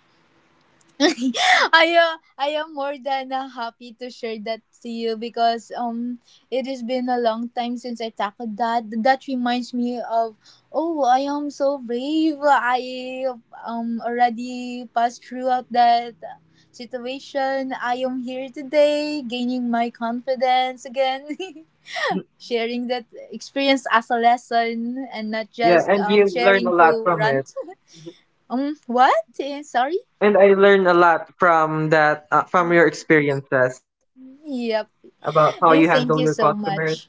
[SPEAKER 2] I am more than, happy to share that to you because, it has been a long time since I tackled that. That reminds me of, oh, I am so brave. I already passed throughout that situation. I am here today, gaining my confidence again. Sharing that experience as a lesson and not
[SPEAKER 1] Yeah,
[SPEAKER 2] just,
[SPEAKER 1] and you learn a
[SPEAKER 2] sharing
[SPEAKER 1] lot
[SPEAKER 2] to
[SPEAKER 1] from it.
[SPEAKER 2] rant. What? Sorry.
[SPEAKER 1] And I learned a lot from that, from your experiences
[SPEAKER 2] Yep.
[SPEAKER 1] about how you
[SPEAKER 2] Yeah,
[SPEAKER 1] handle
[SPEAKER 2] thank
[SPEAKER 1] your
[SPEAKER 2] you so
[SPEAKER 1] customers.
[SPEAKER 2] much.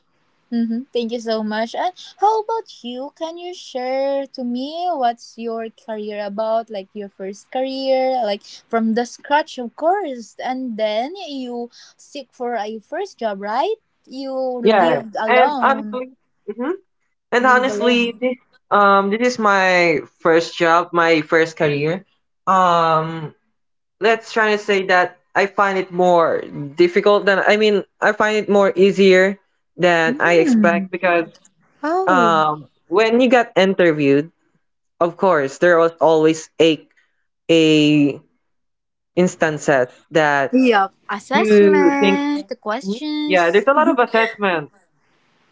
[SPEAKER 2] Mm-hmm. Thank you so much. And how about you? Can you share to me what's your career about? Like your first career, like from the scratch, of course. And then you seek for a first job, right? You
[SPEAKER 1] Yeah,
[SPEAKER 2] lived
[SPEAKER 1] and
[SPEAKER 2] alone.
[SPEAKER 1] honestly, hmm and
[SPEAKER 2] You live
[SPEAKER 1] honestly,
[SPEAKER 2] alone.
[SPEAKER 1] this this is my first job, my first career. Um, let's try to say that I find it more difficult than, I mean, I find it more easier than I
[SPEAKER 2] Mm.
[SPEAKER 1] expect, because
[SPEAKER 2] Oh.
[SPEAKER 1] when you got interviewed, of course there was always a instances that
[SPEAKER 2] Yeah.
[SPEAKER 1] you think.
[SPEAKER 2] Assessment, the
[SPEAKER 1] Mhm. Yeah,
[SPEAKER 2] questions.
[SPEAKER 1] there's a lot of assessment.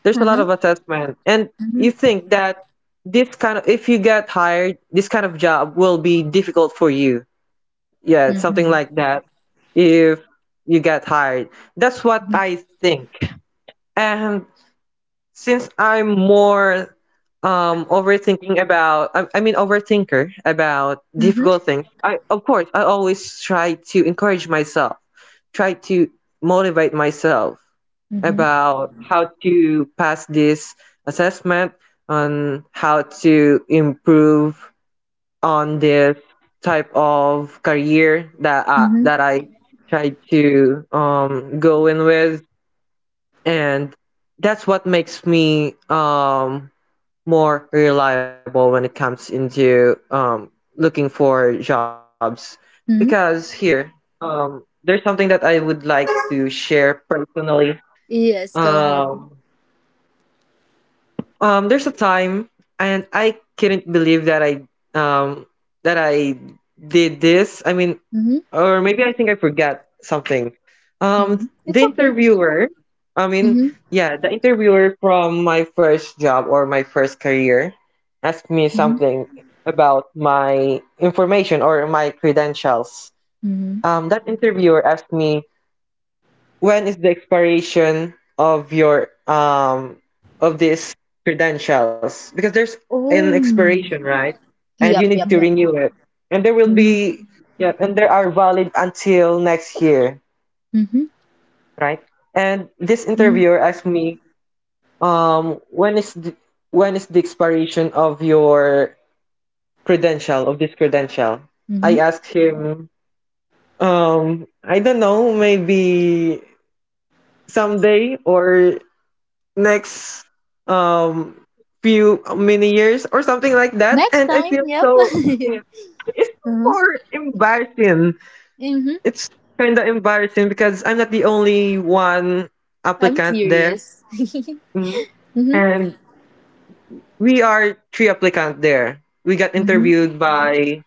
[SPEAKER 1] There's a lot
[SPEAKER 2] Mm-hmm.
[SPEAKER 1] of assessment. And
[SPEAKER 2] Mm-hmm.
[SPEAKER 1] you think that this kind of, if you get hired, this kind of job will be difficult for you. Yeah, something
[SPEAKER 2] Mm-hmm.
[SPEAKER 1] like that. If you get hired, that's what
[SPEAKER 2] Mm-hmm.
[SPEAKER 1] I think. And since I'm more overthinking about, I mean, overthinker about difficult things. I Of course, I always try to encourage myself, try to motivate myself
[SPEAKER 2] Mm-hmm.
[SPEAKER 1] about how to pass this assessment, on how to improve on this type of career that I, that
[SPEAKER 2] Mm-hmm.
[SPEAKER 1] I try to go in with, and that's what makes me more reliable when it comes into looking for jobs. Because
[SPEAKER 2] Mm-hmm.
[SPEAKER 1] here there's something that I would like to share personally.
[SPEAKER 2] Yes, go
[SPEAKER 1] um
[SPEAKER 2] ahead.
[SPEAKER 1] there's a time, and I couldn't believe that um I did this. I mean,
[SPEAKER 2] Mhm,
[SPEAKER 1] or maybe I think I forgot something. Um,
[SPEAKER 2] mhm.
[SPEAKER 1] the
[SPEAKER 2] It's okay.
[SPEAKER 1] interviewer, I mean,
[SPEAKER 2] Mhm,
[SPEAKER 1] yeah, the interviewer from my first job or my first career asked me
[SPEAKER 2] mhm,
[SPEAKER 1] something about my information or my credentials.
[SPEAKER 2] mhm.
[SPEAKER 1] That interviewer asked me, when is the expiration of your of these credentials? Because there's an
[SPEAKER 2] Oh.
[SPEAKER 1] expiration, right? And you
[SPEAKER 2] Yep,
[SPEAKER 1] need
[SPEAKER 2] yep,
[SPEAKER 1] to
[SPEAKER 2] yep.
[SPEAKER 1] renew it. And there will
[SPEAKER 2] Mhm. Yep.
[SPEAKER 1] be, yeah, and there are valid until next year,
[SPEAKER 2] Mhm,
[SPEAKER 1] right? And this
[SPEAKER 2] mhm,
[SPEAKER 1] interviewer
[SPEAKER 2] mhm,
[SPEAKER 1] asked me, when is the expiration of your credential of this credential? I
[SPEAKER 2] mhm.
[SPEAKER 1] asked him, I don't know, maybe someday or next um few many years or something like that.
[SPEAKER 2] Next
[SPEAKER 1] And I
[SPEAKER 2] time,
[SPEAKER 1] feel
[SPEAKER 2] yep.
[SPEAKER 1] so. Yeah,
[SPEAKER 2] Uh-huh.
[SPEAKER 1] it's more embarrassing.
[SPEAKER 2] Mhm.
[SPEAKER 1] It's kind of embarrassing because I'm not the only one
[SPEAKER 2] I'm
[SPEAKER 1] applicant there.
[SPEAKER 2] curious. Mhm,
[SPEAKER 1] Mhm. And we are three applicant there. We got
[SPEAKER 2] mhm,
[SPEAKER 1] interviewed by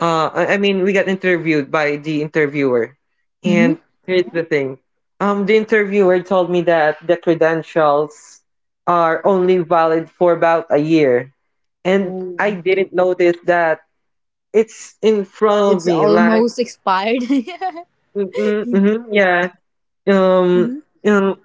[SPEAKER 1] I mean, we got interviewed by the interviewer,
[SPEAKER 2] mhm.
[SPEAKER 1] and here's the thing. The interviewer told me that the credentials are only valid for about a year, and
[SPEAKER 2] Oh.
[SPEAKER 1] I didn't notice that it's in front of
[SPEAKER 2] It's
[SPEAKER 1] me. Like,
[SPEAKER 2] almost expired. Mhm,
[SPEAKER 1] mm-hmm, yeah, um, you know,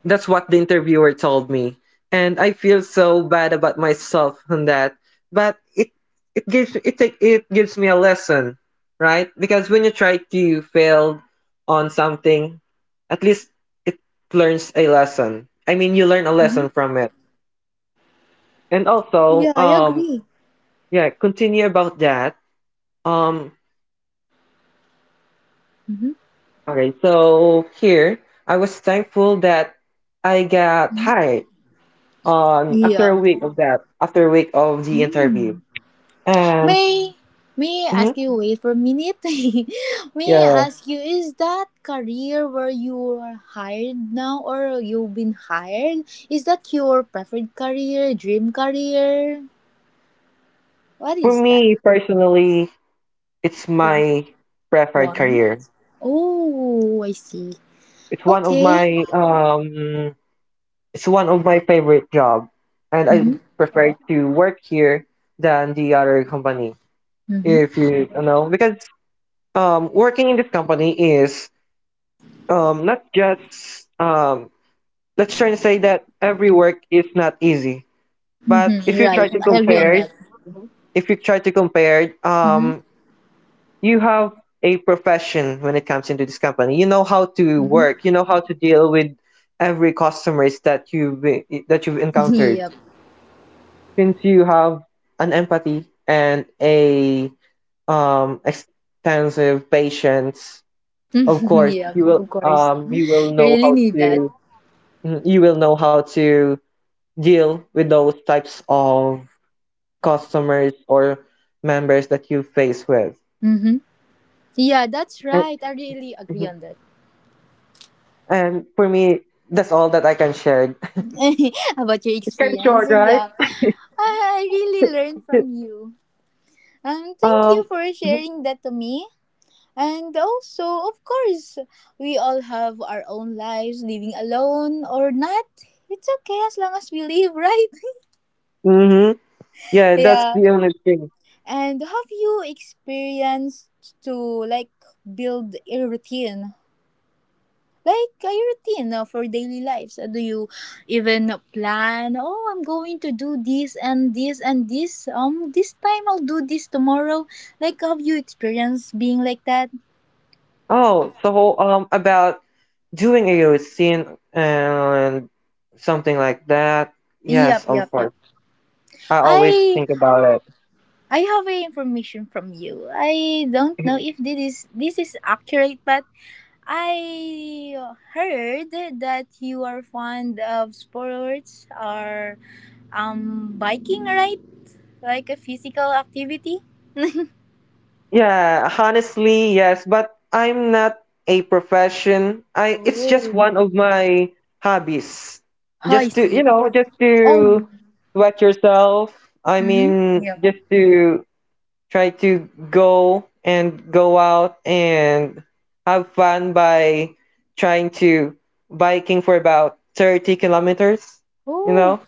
[SPEAKER 1] that's what the interviewer told me. And I feel so bad about myself on that. But it gives me a lesson, right? Because when you try to fail on something, at least it learns a lesson. I mean, you learn a
[SPEAKER 2] mhm.
[SPEAKER 1] lesson from it. And also,
[SPEAKER 2] Yeah, I agree.
[SPEAKER 1] yeah, continue about that. Um
[SPEAKER 2] Mhm.
[SPEAKER 1] okay, so here I was thankful that I got hired on after
[SPEAKER 2] Yeah.
[SPEAKER 1] a week of that, after a week of the interview.
[SPEAKER 2] Mm.
[SPEAKER 1] Um,
[SPEAKER 2] May may I
[SPEAKER 1] mhm,
[SPEAKER 2] ask you wait for a minute? May I
[SPEAKER 1] yeah.
[SPEAKER 2] ask you is that career where you are hired now or you've been hired? Is that your preferred career, dream career? What
[SPEAKER 1] For
[SPEAKER 2] is that?
[SPEAKER 1] me personally, it's my preferred
[SPEAKER 2] One?
[SPEAKER 1] career.
[SPEAKER 2] Oh, I see.
[SPEAKER 1] It's one of
[SPEAKER 2] Okay.
[SPEAKER 1] my um, it's one of my favorite job, and
[SPEAKER 2] Mhm.
[SPEAKER 1] I prefer to work here than the other company.
[SPEAKER 2] Mhm.
[SPEAKER 1] If you, you know, because working in this company is not just. Let's try to say that every work is not easy, but
[SPEAKER 2] Mhm.
[SPEAKER 1] if you try
[SPEAKER 2] Right,
[SPEAKER 1] to
[SPEAKER 2] I agree on
[SPEAKER 1] compare,
[SPEAKER 2] that.
[SPEAKER 1] if you try to compare
[SPEAKER 2] Mhm.
[SPEAKER 1] you have a profession when it comes into this company. You know how to
[SPEAKER 2] Mhm.
[SPEAKER 1] work. You know how to deal with every customers that you've encountered.
[SPEAKER 2] Yep.
[SPEAKER 1] Since you have an empathy and a extensive patience, of course
[SPEAKER 2] Yeah,
[SPEAKER 1] you
[SPEAKER 2] of
[SPEAKER 1] will
[SPEAKER 2] course.
[SPEAKER 1] um, you will
[SPEAKER 2] You
[SPEAKER 1] know
[SPEAKER 2] really
[SPEAKER 1] how
[SPEAKER 2] need that.
[SPEAKER 1] to deal with those types of customers or members that you face with.
[SPEAKER 2] Mhm. Yeah, that's
[SPEAKER 1] Eh,
[SPEAKER 2] right. I really agree
[SPEAKER 1] mhm.
[SPEAKER 2] on that.
[SPEAKER 1] And for me, that's all that I can share.
[SPEAKER 2] About your
[SPEAKER 1] It's kind of
[SPEAKER 2] experience.
[SPEAKER 1] short, right?
[SPEAKER 2] Yeah. I really learned from you. Thank
[SPEAKER 1] Um,
[SPEAKER 2] you for sharing that to me. And also, of course, we all have our own lives, living alone or not. It's okay as long as we live, right?
[SPEAKER 1] mm-hmm. Yeah, that's
[SPEAKER 2] Yeah.
[SPEAKER 1] the only thing.
[SPEAKER 2] And have you experienced to, like, build a routine, like a routine, for daily lives? Do you even plan? Oh, I'm going to do this and this and this. This time I'll do this tomorrow. Like, have you experienced being like that?
[SPEAKER 1] Oh, so about doing a routine and something like that. Yes,
[SPEAKER 2] Yep,
[SPEAKER 1] of
[SPEAKER 2] yep,
[SPEAKER 1] course.
[SPEAKER 2] yep.
[SPEAKER 1] I always
[SPEAKER 2] I
[SPEAKER 1] think about it.
[SPEAKER 2] I have a information from you. I don't know if this is accurate, but I heard that you are fond of sports, or biking, right? Like a physical activity.
[SPEAKER 1] Yeah, honestly, yes, but I'm not a profession. I It's just
[SPEAKER 2] Oh,
[SPEAKER 1] one of my hobbies.
[SPEAKER 2] I
[SPEAKER 1] Just to,
[SPEAKER 2] see.
[SPEAKER 1] just
[SPEAKER 2] Oh,
[SPEAKER 1] to sweat yourself. I
[SPEAKER 2] mm-hmm.
[SPEAKER 1] mean,
[SPEAKER 2] Yep.
[SPEAKER 1] just to try to go and go out and have fun by trying to biking for about 30 kilometers, you
[SPEAKER 2] Oh,
[SPEAKER 1] know?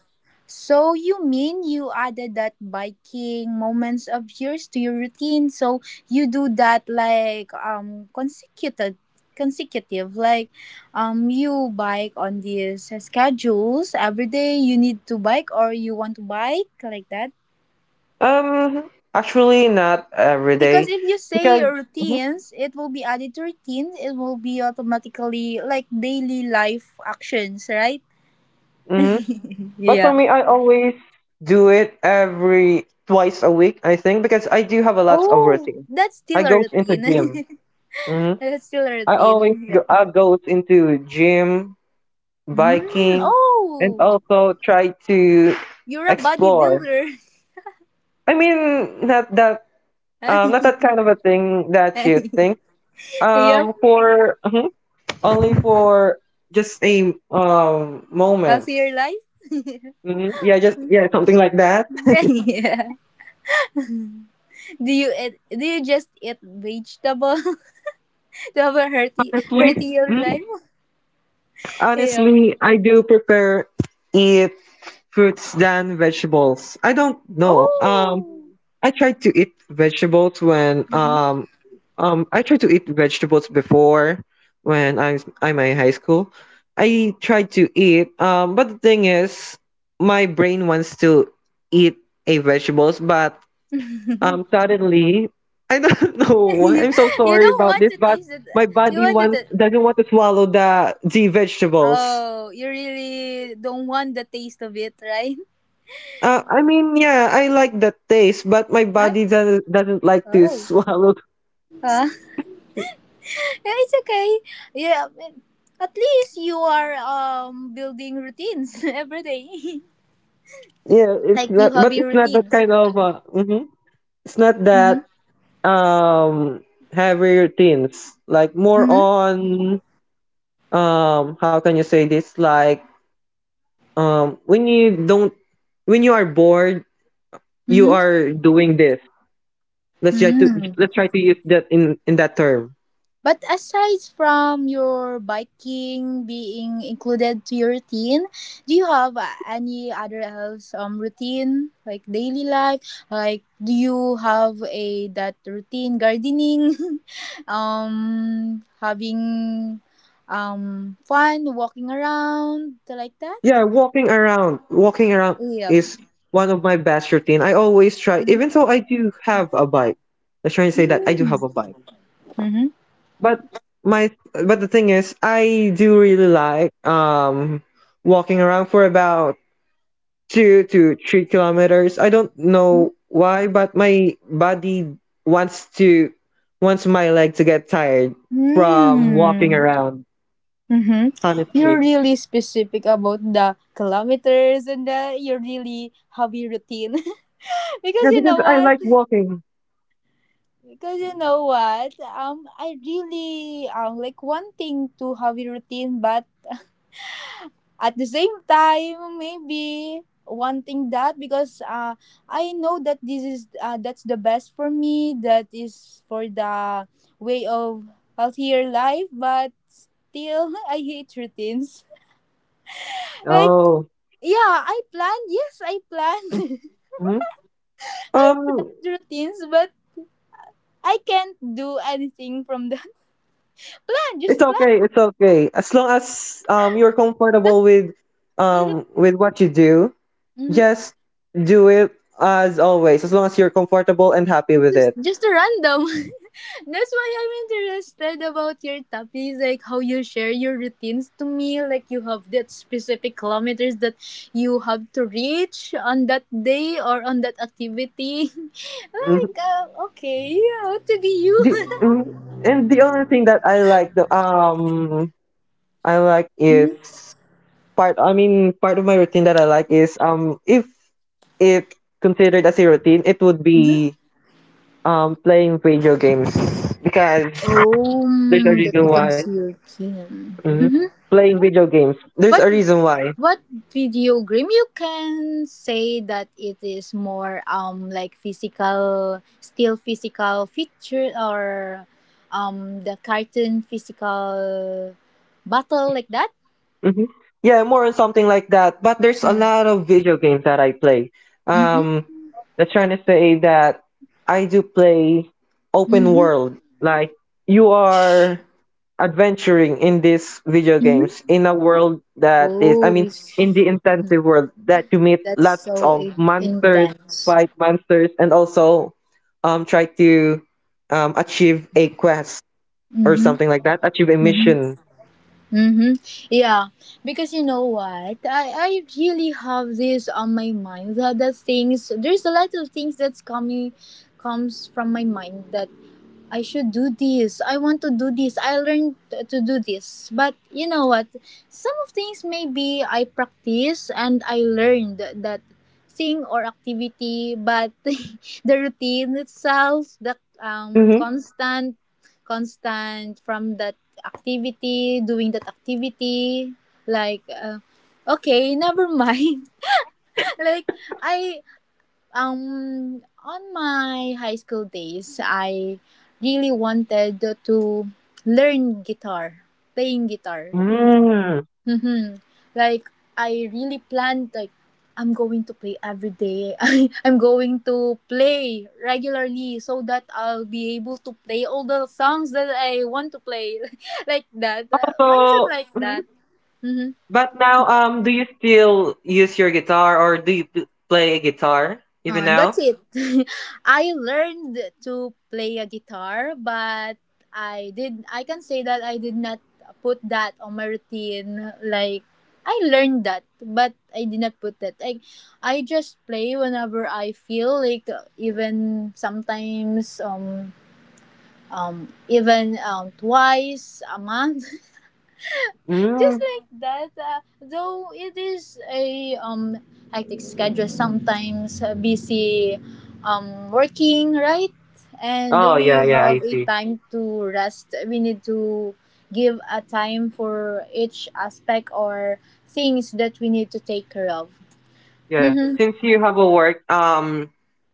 [SPEAKER 2] so you mean you added that biking moments of yours to your routine? So you do that like, consecutive, like, you bike on these schedules every day. You need to bike or you want to bike like that.
[SPEAKER 1] Actually not every
[SPEAKER 2] Because
[SPEAKER 1] day,
[SPEAKER 2] if you say
[SPEAKER 1] because.
[SPEAKER 2] routines, it will be added to routines. It will be automatically like daily life actions, right?
[SPEAKER 1] Mhm. But for
[SPEAKER 2] Yeah.
[SPEAKER 1] me, I always do it every twice a week, I think, because I do have a lot of
[SPEAKER 2] Oh,
[SPEAKER 1] routine.
[SPEAKER 2] that's
[SPEAKER 1] I
[SPEAKER 2] still a
[SPEAKER 1] go into
[SPEAKER 2] routine.
[SPEAKER 1] gym. Hmm.
[SPEAKER 2] That's still a
[SPEAKER 1] I always
[SPEAKER 2] routine.
[SPEAKER 1] go,
[SPEAKER 2] Yep.
[SPEAKER 1] I go into gym,
[SPEAKER 2] Mm,
[SPEAKER 1] biking, and
[SPEAKER 2] oh,
[SPEAKER 1] also try to
[SPEAKER 2] you're a
[SPEAKER 1] explore.
[SPEAKER 2] bodybuilder.
[SPEAKER 1] I mean, not that not that kind of a thing that you think.
[SPEAKER 2] Yep.
[SPEAKER 1] Um, for mhm, only for just a moments.
[SPEAKER 2] Healthier life.
[SPEAKER 1] Hmm. Yeah, just, yeah, something like that.
[SPEAKER 2] Yeah. Do you just eat vegetable to have a healthy
[SPEAKER 1] Honestly.
[SPEAKER 2] healthier life? Yeah.
[SPEAKER 1] Honestly, I do prefer eat fruits than vegetables. I don't know.
[SPEAKER 2] Oh.
[SPEAKER 1] I tried to eat vegetables when
[SPEAKER 2] Mhm.
[SPEAKER 1] I tried to eat vegetables before when I'm in high school. I tried to eat, but the thing is, my brain wants to eat a vegetables, but suddenly I don't know why. I'm so
[SPEAKER 2] You
[SPEAKER 1] sorry
[SPEAKER 2] don't
[SPEAKER 1] about
[SPEAKER 2] want
[SPEAKER 1] this,
[SPEAKER 2] to
[SPEAKER 1] but
[SPEAKER 2] taste it.
[SPEAKER 1] my
[SPEAKER 2] You
[SPEAKER 1] body
[SPEAKER 2] want
[SPEAKER 1] wants
[SPEAKER 2] to.
[SPEAKER 1] doesn't want to swallow the vegetables.
[SPEAKER 2] Oh, you really don't want the taste of it, right?
[SPEAKER 1] I mean, yeah, I like that taste, but my
[SPEAKER 2] I,
[SPEAKER 1] body doesn't like to
[SPEAKER 2] oh.
[SPEAKER 1] swallow.
[SPEAKER 2] Huh. Yeah, it's okay. Yeah, I mean, at least you are, building routines every day.
[SPEAKER 1] Yeah, it's
[SPEAKER 2] Like
[SPEAKER 1] not,
[SPEAKER 2] you have
[SPEAKER 1] but
[SPEAKER 2] your
[SPEAKER 1] it's not that
[SPEAKER 2] routines.
[SPEAKER 1] kind of. It's not
[SPEAKER 2] Mm-hmm.
[SPEAKER 1] that um heavier routines. Like more
[SPEAKER 2] Mm-hmm.
[SPEAKER 1] on how can you say this? Like when you don't when you are bored, you
[SPEAKER 2] Mm-hmm.
[SPEAKER 1] are doing this. Let's try to
[SPEAKER 2] Mm-hmm.
[SPEAKER 1] let's try to use that in that term.
[SPEAKER 2] But aside from your biking being included to your routine, do you have, any other else, routine like daily life? Like do you have a that routine gardening, having, fun walking around, like that?
[SPEAKER 1] Yeah, walking around
[SPEAKER 2] Yeah.
[SPEAKER 1] is one of my best routine. I always try, even though I do have a bike. I trying to say that I do
[SPEAKER 2] Mm-hmm.
[SPEAKER 1] have a bike, but my but the thing is, I do really like walking around for about 2 to 3 kilometers. I don't know why, but my body wants to wants my leg to get tired from walking
[SPEAKER 2] Mm-hmm.
[SPEAKER 1] around.
[SPEAKER 2] Mm-hmm. You're
[SPEAKER 1] Honestly,
[SPEAKER 2] really specific about the kilometers and the your really heavy routine. Because
[SPEAKER 1] yeah,
[SPEAKER 2] you
[SPEAKER 1] because
[SPEAKER 2] know
[SPEAKER 1] I
[SPEAKER 2] what?
[SPEAKER 1] like walking.
[SPEAKER 2] Because you know what? I really, like wanting to hobby routine, but at the same time, maybe wanting that because, I know that this is that's the best for me. That is for the way of healthier life, but still I hate routines. Like,
[SPEAKER 1] Oh.
[SPEAKER 2] yeah, I plan. Yes, I plan.
[SPEAKER 1] hmm Um,
[SPEAKER 2] Planned routines, but I can't do anything from that plan.
[SPEAKER 1] It's
[SPEAKER 2] Just plan.
[SPEAKER 1] okay. It's okay. As long as you're
[SPEAKER 2] Just,
[SPEAKER 1] comfortable
[SPEAKER 2] mhm,
[SPEAKER 1] with what you do,
[SPEAKER 2] mhm.
[SPEAKER 1] just do it as always. As long as you're comfortable and happy with
[SPEAKER 2] just
[SPEAKER 1] it.
[SPEAKER 2] just a random. That's why I'm interested about your topics, like how you share your routines to me. Like you have that specific kilometers that you have to reach on that day or on that activity.
[SPEAKER 1] Mhm.
[SPEAKER 2] Like, okay, yeah, to be you.
[SPEAKER 1] And the only thing that I like the I like is
[SPEAKER 2] Mhm,
[SPEAKER 1] part. I mean, part of my routine that I like is if it considered as a routine, it would
[SPEAKER 2] mhm.
[SPEAKER 1] be playing video games because
[SPEAKER 2] Oh,
[SPEAKER 1] there's a
[SPEAKER 2] mm, that
[SPEAKER 1] reason why.
[SPEAKER 2] becomes your kin.
[SPEAKER 1] hmm
[SPEAKER 2] Mhm.
[SPEAKER 1] Playing video games. There's
[SPEAKER 2] What
[SPEAKER 1] a reason why.
[SPEAKER 2] what video game you can say that it is more, like physical, still physical feature, or the cartoon physical battle, like that?
[SPEAKER 1] hmm Yeah, more on something like that. But there's a
[SPEAKER 2] Mm.
[SPEAKER 1] lot of video games that I play.
[SPEAKER 2] Mhm.
[SPEAKER 1] Um, that's trying to say that I do play open
[SPEAKER 2] Mhm.
[SPEAKER 1] world. Like you are adventuring in these video
[SPEAKER 2] Mhm.
[SPEAKER 1] games in a world that is, I
[SPEAKER 2] Oh,
[SPEAKER 1] mean, in
[SPEAKER 2] it's-
[SPEAKER 1] the intensive world that you meet
[SPEAKER 2] that's
[SPEAKER 1] lots
[SPEAKER 2] so
[SPEAKER 1] of monsters,
[SPEAKER 2] intense.
[SPEAKER 1] fight monsters, and also try to achieve a quest or
[SPEAKER 2] Mhm.
[SPEAKER 1] something like that, achieve a
[SPEAKER 2] Mhm.
[SPEAKER 1] mission.
[SPEAKER 2] Mm-hmm. Yeah, because you know what, I really have this on my mind, that there's a lot of things that's coming comes from my mind, that I should do this. I want to do this. I learned to do this. But you know what? Some of things maybe I practice and I learned that thing or activity, but the routine itself, the
[SPEAKER 1] Mm-hmm.
[SPEAKER 2] constant, constant from that activity, doing that activity, like okay, never mind. like I On my high school days, I really wanted to learn guitar, playing guitar.
[SPEAKER 1] Mm.
[SPEAKER 2] Mm-hmm. Like I really planned like I'm going to play every day. I'm going to play regularly so that I'll be able to play all the songs that I want to play, like that. Mindset
[SPEAKER 1] So,
[SPEAKER 2] like
[SPEAKER 1] mhm.
[SPEAKER 2] that. Mm-hmm.
[SPEAKER 1] But now, do you still use your guitar or do you play a guitar even
[SPEAKER 2] That's
[SPEAKER 1] now?
[SPEAKER 2] it. I learned to play a guitar, but I did. I can say that I did not put that on my routine. Like I learned that, but I did not put that. I just play whenever I feel like. Even sometimes, even twice a month.
[SPEAKER 1] Mm.
[SPEAKER 2] Just like that though it is a hectic schedule sometimes, busy, working, right? And
[SPEAKER 1] Oh yeah,
[SPEAKER 2] we
[SPEAKER 1] yeah,
[SPEAKER 2] have
[SPEAKER 1] I
[SPEAKER 2] a
[SPEAKER 1] see.
[SPEAKER 2] time to rest. We need to give a time for each aspect or things that we need to take care of.
[SPEAKER 1] Yeah, since you have a work,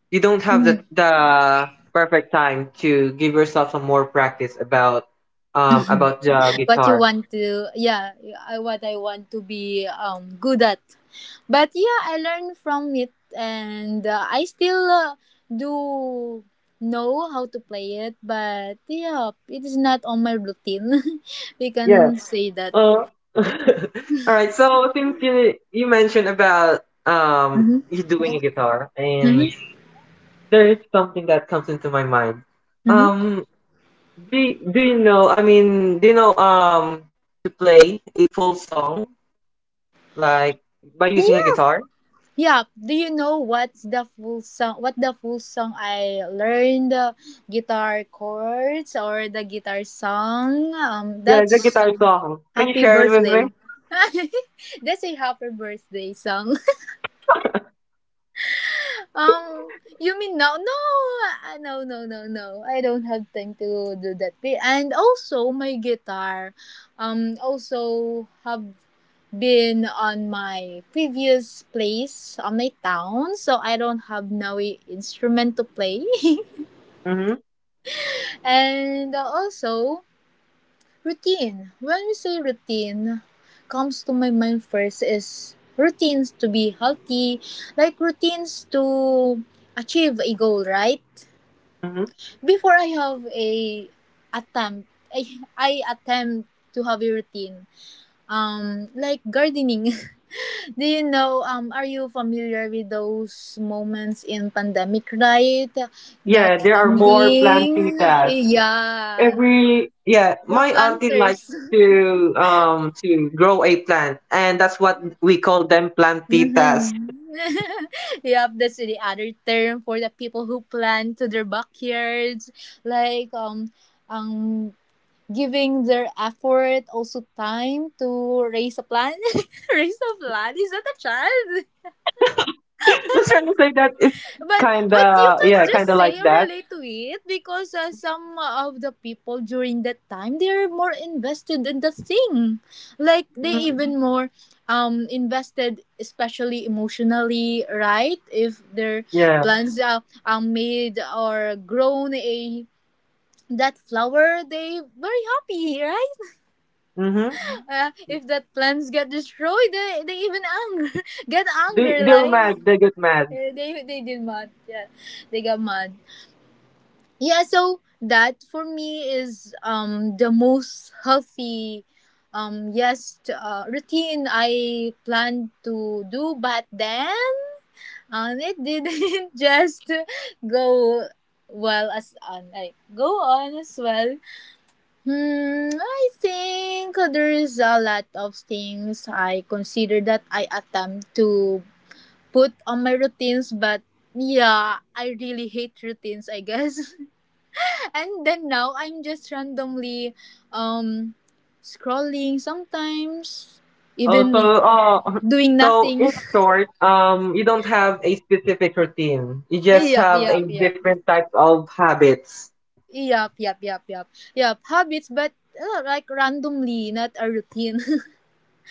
[SPEAKER 1] you don't have the perfect time to give yourself some more practice about the
[SPEAKER 2] What you
[SPEAKER 1] guitar.
[SPEAKER 2] want to, yeah, what I want to be good at, but yeah, I learned from it and I still do know how to play it, but yeah, it is not on my routine. We
[SPEAKER 1] Yes.
[SPEAKER 2] can say that.
[SPEAKER 1] Uh, all right. So since you mentioned about
[SPEAKER 2] Hmm.
[SPEAKER 1] you doing a guitar, and
[SPEAKER 2] Hmm.
[SPEAKER 1] there is something that comes into my mind.
[SPEAKER 2] Hmm.
[SPEAKER 1] Um, do do you know? I mean, do you know to play a full song like by using a
[SPEAKER 2] Yeah.
[SPEAKER 1] guitar?
[SPEAKER 2] Yeah, do you know what's the full song, what the full song I learned? Guitar chords or the guitar song,
[SPEAKER 1] Yeah, the
[SPEAKER 2] that's
[SPEAKER 1] guitar song. Can you
[SPEAKER 2] Happy
[SPEAKER 1] share it with me?
[SPEAKER 2] Birthday. That's a happy birthday song. You mean no? No, no, no, no, no. I don't have time to do that. And also, my guitar, also have been on my previous place on my town, so I don't have now a instrument to play.
[SPEAKER 1] Mm-hmm.
[SPEAKER 2] And also, routine. When we say routine, comes to my mind first is routines to be healthy, like routines to achieve a goal, right?
[SPEAKER 1] Mm-hmm.
[SPEAKER 2] Before I have a attempt, I, I attempt to have a routine. Like gardening. Do you know? Are you familiar with those moments in pandemic, right? The
[SPEAKER 1] Yeah, there are more plans
[SPEAKER 2] trending,
[SPEAKER 1] in it.
[SPEAKER 2] yeah,
[SPEAKER 1] Every yeah,
[SPEAKER 2] the
[SPEAKER 1] my auntie likes
[SPEAKER 2] planters.
[SPEAKER 1] to grow a plant, and that's what we call them plantitas.
[SPEAKER 2] Mm-hmm. Yep, that's the other term for the people who plant to their backyards, like um, giving their effort also time to raise a plant. Raise a plant, is that a child?
[SPEAKER 1] Let's try to say that it's
[SPEAKER 2] But you
[SPEAKER 1] kinda
[SPEAKER 2] can
[SPEAKER 1] yeah, kinda
[SPEAKER 2] just
[SPEAKER 1] like
[SPEAKER 2] say or
[SPEAKER 1] that.
[SPEAKER 2] relate to it because some of the people during that time they are more invested in the thing, like they
[SPEAKER 1] Mm,
[SPEAKER 2] even more invested, especially emotionally, right? If their
[SPEAKER 1] yeah.
[SPEAKER 2] plants are made or grown a that flower, they very happy, right?
[SPEAKER 1] Mm-hmm.
[SPEAKER 2] If that plants get destroyed, they even anger. Get
[SPEAKER 1] They
[SPEAKER 2] anger
[SPEAKER 1] they're
[SPEAKER 2] like
[SPEAKER 1] mad. They get mad.
[SPEAKER 2] they did mad, yeah, they got mad. Yeah, so that for me is the most healthy, yes, routine I planned to do, but then it didn't just go well as on like go on as well. Hmm, I think there is a lot of things I consider that I attempt to put on my routines, but yeah, I really hate routines, I guess. And then now I'm just randomly um scrolling sometimes,
[SPEAKER 1] Also,
[SPEAKER 2] even doing
[SPEAKER 1] so in
[SPEAKER 2] nothing.
[SPEAKER 1] short, you don't have a specific routine. You just
[SPEAKER 2] Yep,
[SPEAKER 1] have a
[SPEAKER 2] yep, yep.
[SPEAKER 1] different type of habits.
[SPEAKER 2] Yep, yep, yep, yep. Yep, habits, but like randomly, not a routine.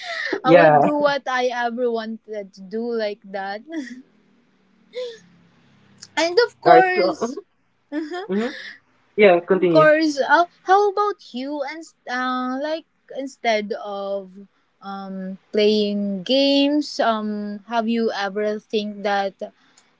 [SPEAKER 2] I will
[SPEAKER 1] Yeah.
[SPEAKER 2] do what I ever wanted to do, like that. And of
[SPEAKER 1] All right. So, mhm,
[SPEAKER 2] course,
[SPEAKER 1] mhm. Yeah.
[SPEAKER 2] of
[SPEAKER 1] Continue.
[SPEAKER 2] course. How about you? And like instead of playing games, have you ever think that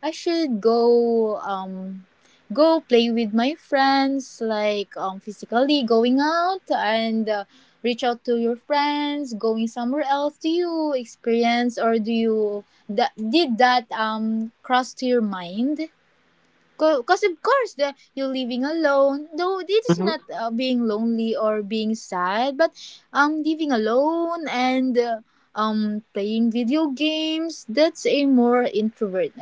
[SPEAKER 2] I should go go play with my friends, like physically going out and reach out to your friends, going somewhere else? Do you experience or do you that did that cross to your mind? Because of course the you're living alone, though it is
[SPEAKER 1] Mm-hmm.
[SPEAKER 2] not being lonely or being sad, but living alone and playing video games, that's a more introvert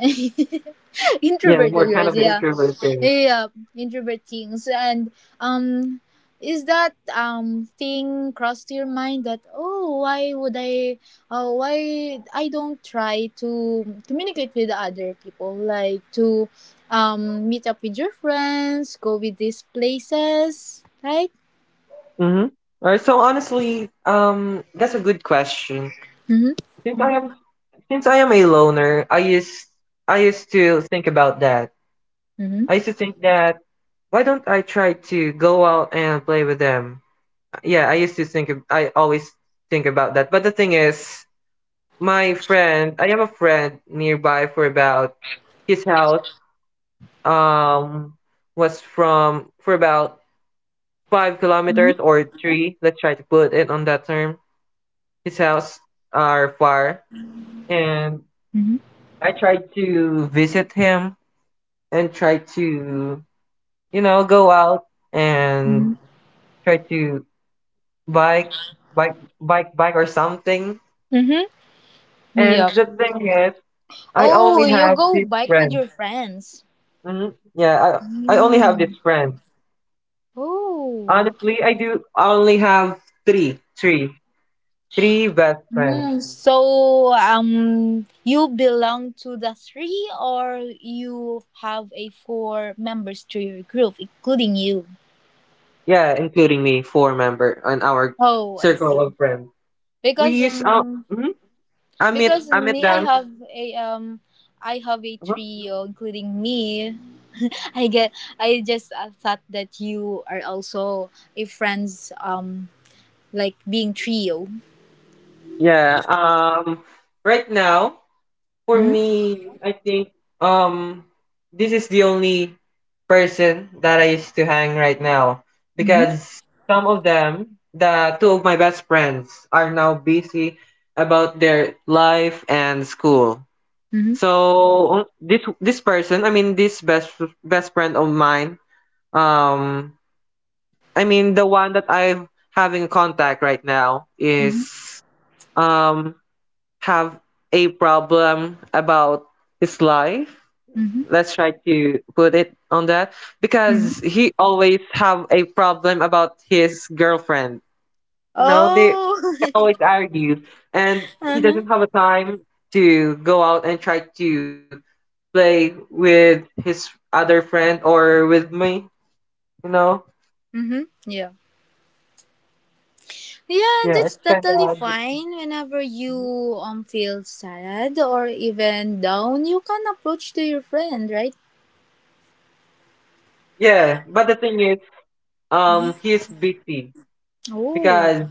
[SPEAKER 1] Yeah.
[SPEAKER 2] introverted
[SPEAKER 1] More kind of
[SPEAKER 2] girls, yeah,
[SPEAKER 1] introverting.
[SPEAKER 2] yeah, introvert things. And, um, is that thing crossed your mind that oh why would I, why I don't try to communicate with other people, like to meet up with your friends, go with these places, right?
[SPEAKER 1] Mm-hmm. All right. So honestly, that's a good question.
[SPEAKER 2] Mm-hmm.
[SPEAKER 1] Since I am since I am a loner, I used to think about that.
[SPEAKER 2] Mm-hmm.
[SPEAKER 1] I used to think that why don't I try to go out and play with them? Yeah, I used to think of, I always think about that. But the thing is, I have a friend nearby for about his house um was from for about five
[SPEAKER 2] Mm-hmm.
[SPEAKER 1] kilometers or three. Let's try to put it on that term. His house are far, and I try to visit him and try to you know go out and try to bike, bike or something.
[SPEAKER 2] Mm-hmm. Yep.
[SPEAKER 1] And the thing is, I
[SPEAKER 2] Oh,
[SPEAKER 1] only
[SPEAKER 2] you
[SPEAKER 1] have
[SPEAKER 2] go
[SPEAKER 1] this
[SPEAKER 2] bike with
[SPEAKER 1] friend.
[SPEAKER 2] your friends.
[SPEAKER 1] Yeah, I only have
[SPEAKER 2] Mm.
[SPEAKER 1] this friend.
[SPEAKER 2] Oh.
[SPEAKER 1] Honestly, I do only have three, three, three best friends.
[SPEAKER 2] Mm, so you belong to the three or you have a four members to your group including you.
[SPEAKER 1] Yeah, including me, four member in our
[SPEAKER 2] Oh, I
[SPEAKER 1] circle
[SPEAKER 2] see.
[SPEAKER 1] of friends. We
[SPEAKER 2] Because
[SPEAKER 1] use
[SPEAKER 2] um,
[SPEAKER 1] mhm.
[SPEAKER 2] because
[SPEAKER 1] I meet
[SPEAKER 2] me
[SPEAKER 1] them.
[SPEAKER 2] I have a
[SPEAKER 1] Uh-huh.
[SPEAKER 2] trio including me. I get I just thought that you are also a friends like being trio.
[SPEAKER 1] Yeah. Right now, for
[SPEAKER 2] Mhm.
[SPEAKER 1] me, I think um this is the only person that I used to hang right now
[SPEAKER 2] Mhm.
[SPEAKER 1] because some of them, the two of my best friends, are now busy about their life and school.
[SPEAKER 2] Mhm.
[SPEAKER 1] So this person, I mean this best friend of mine, um, I mean the one that I'm having contact right now
[SPEAKER 2] Mhm.
[SPEAKER 1] is um, have a problem about his life.
[SPEAKER 2] Mhm.
[SPEAKER 1] Let's try to put it on that
[SPEAKER 2] Mhm.
[SPEAKER 1] because he always have a problem about his girlfriend. You know, they
[SPEAKER 2] Oh.
[SPEAKER 1] always argue, and he
[SPEAKER 2] Uh-huh.
[SPEAKER 1] doesn't have a time to go out and try to play with his other friend or with me. You know,
[SPEAKER 2] Mm-hmm. Yeah. Yeah,
[SPEAKER 1] yeah, it's
[SPEAKER 2] that's
[SPEAKER 1] kind of
[SPEAKER 2] totally fine. Whenever you feel sad or even down, you can approach to your friend, right?
[SPEAKER 1] yeah. But the thing is,
[SPEAKER 2] Mhm.
[SPEAKER 1] he's busy
[SPEAKER 2] Oh.
[SPEAKER 1] because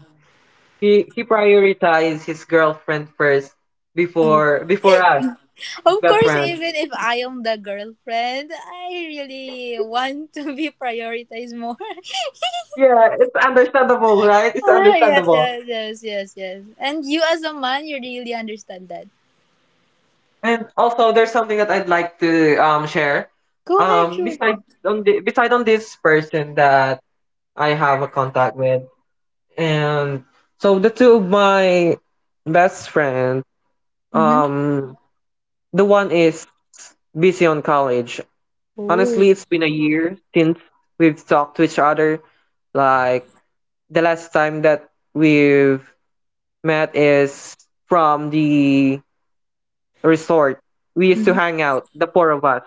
[SPEAKER 1] he prioritized his girlfriend first before us, his
[SPEAKER 2] Of
[SPEAKER 1] best
[SPEAKER 2] course,
[SPEAKER 1] friend.
[SPEAKER 2] even if I am the girlfriend, I really want to be prioritized more.
[SPEAKER 1] Yeah, it's understandable, right? It's
[SPEAKER 2] Ah, yes,
[SPEAKER 1] understandable.
[SPEAKER 2] yes, yes, yes, yes. And you as a man, you really understand that.
[SPEAKER 1] And also, there's something that I'd like to share.
[SPEAKER 2] Go ahead, sure.
[SPEAKER 1] Beside on this person that I have a contact with, and so the two of my best friends,
[SPEAKER 2] Mm-hmm.
[SPEAKER 1] um, the one is busy on college. Honestly,
[SPEAKER 2] Oh.
[SPEAKER 1] it's been a year since we've talked to each other. Like the last time that we've met is from the resort. We used to
[SPEAKER 2] Mm-hmm.
[SPEAKER 1] hang out, the four of us.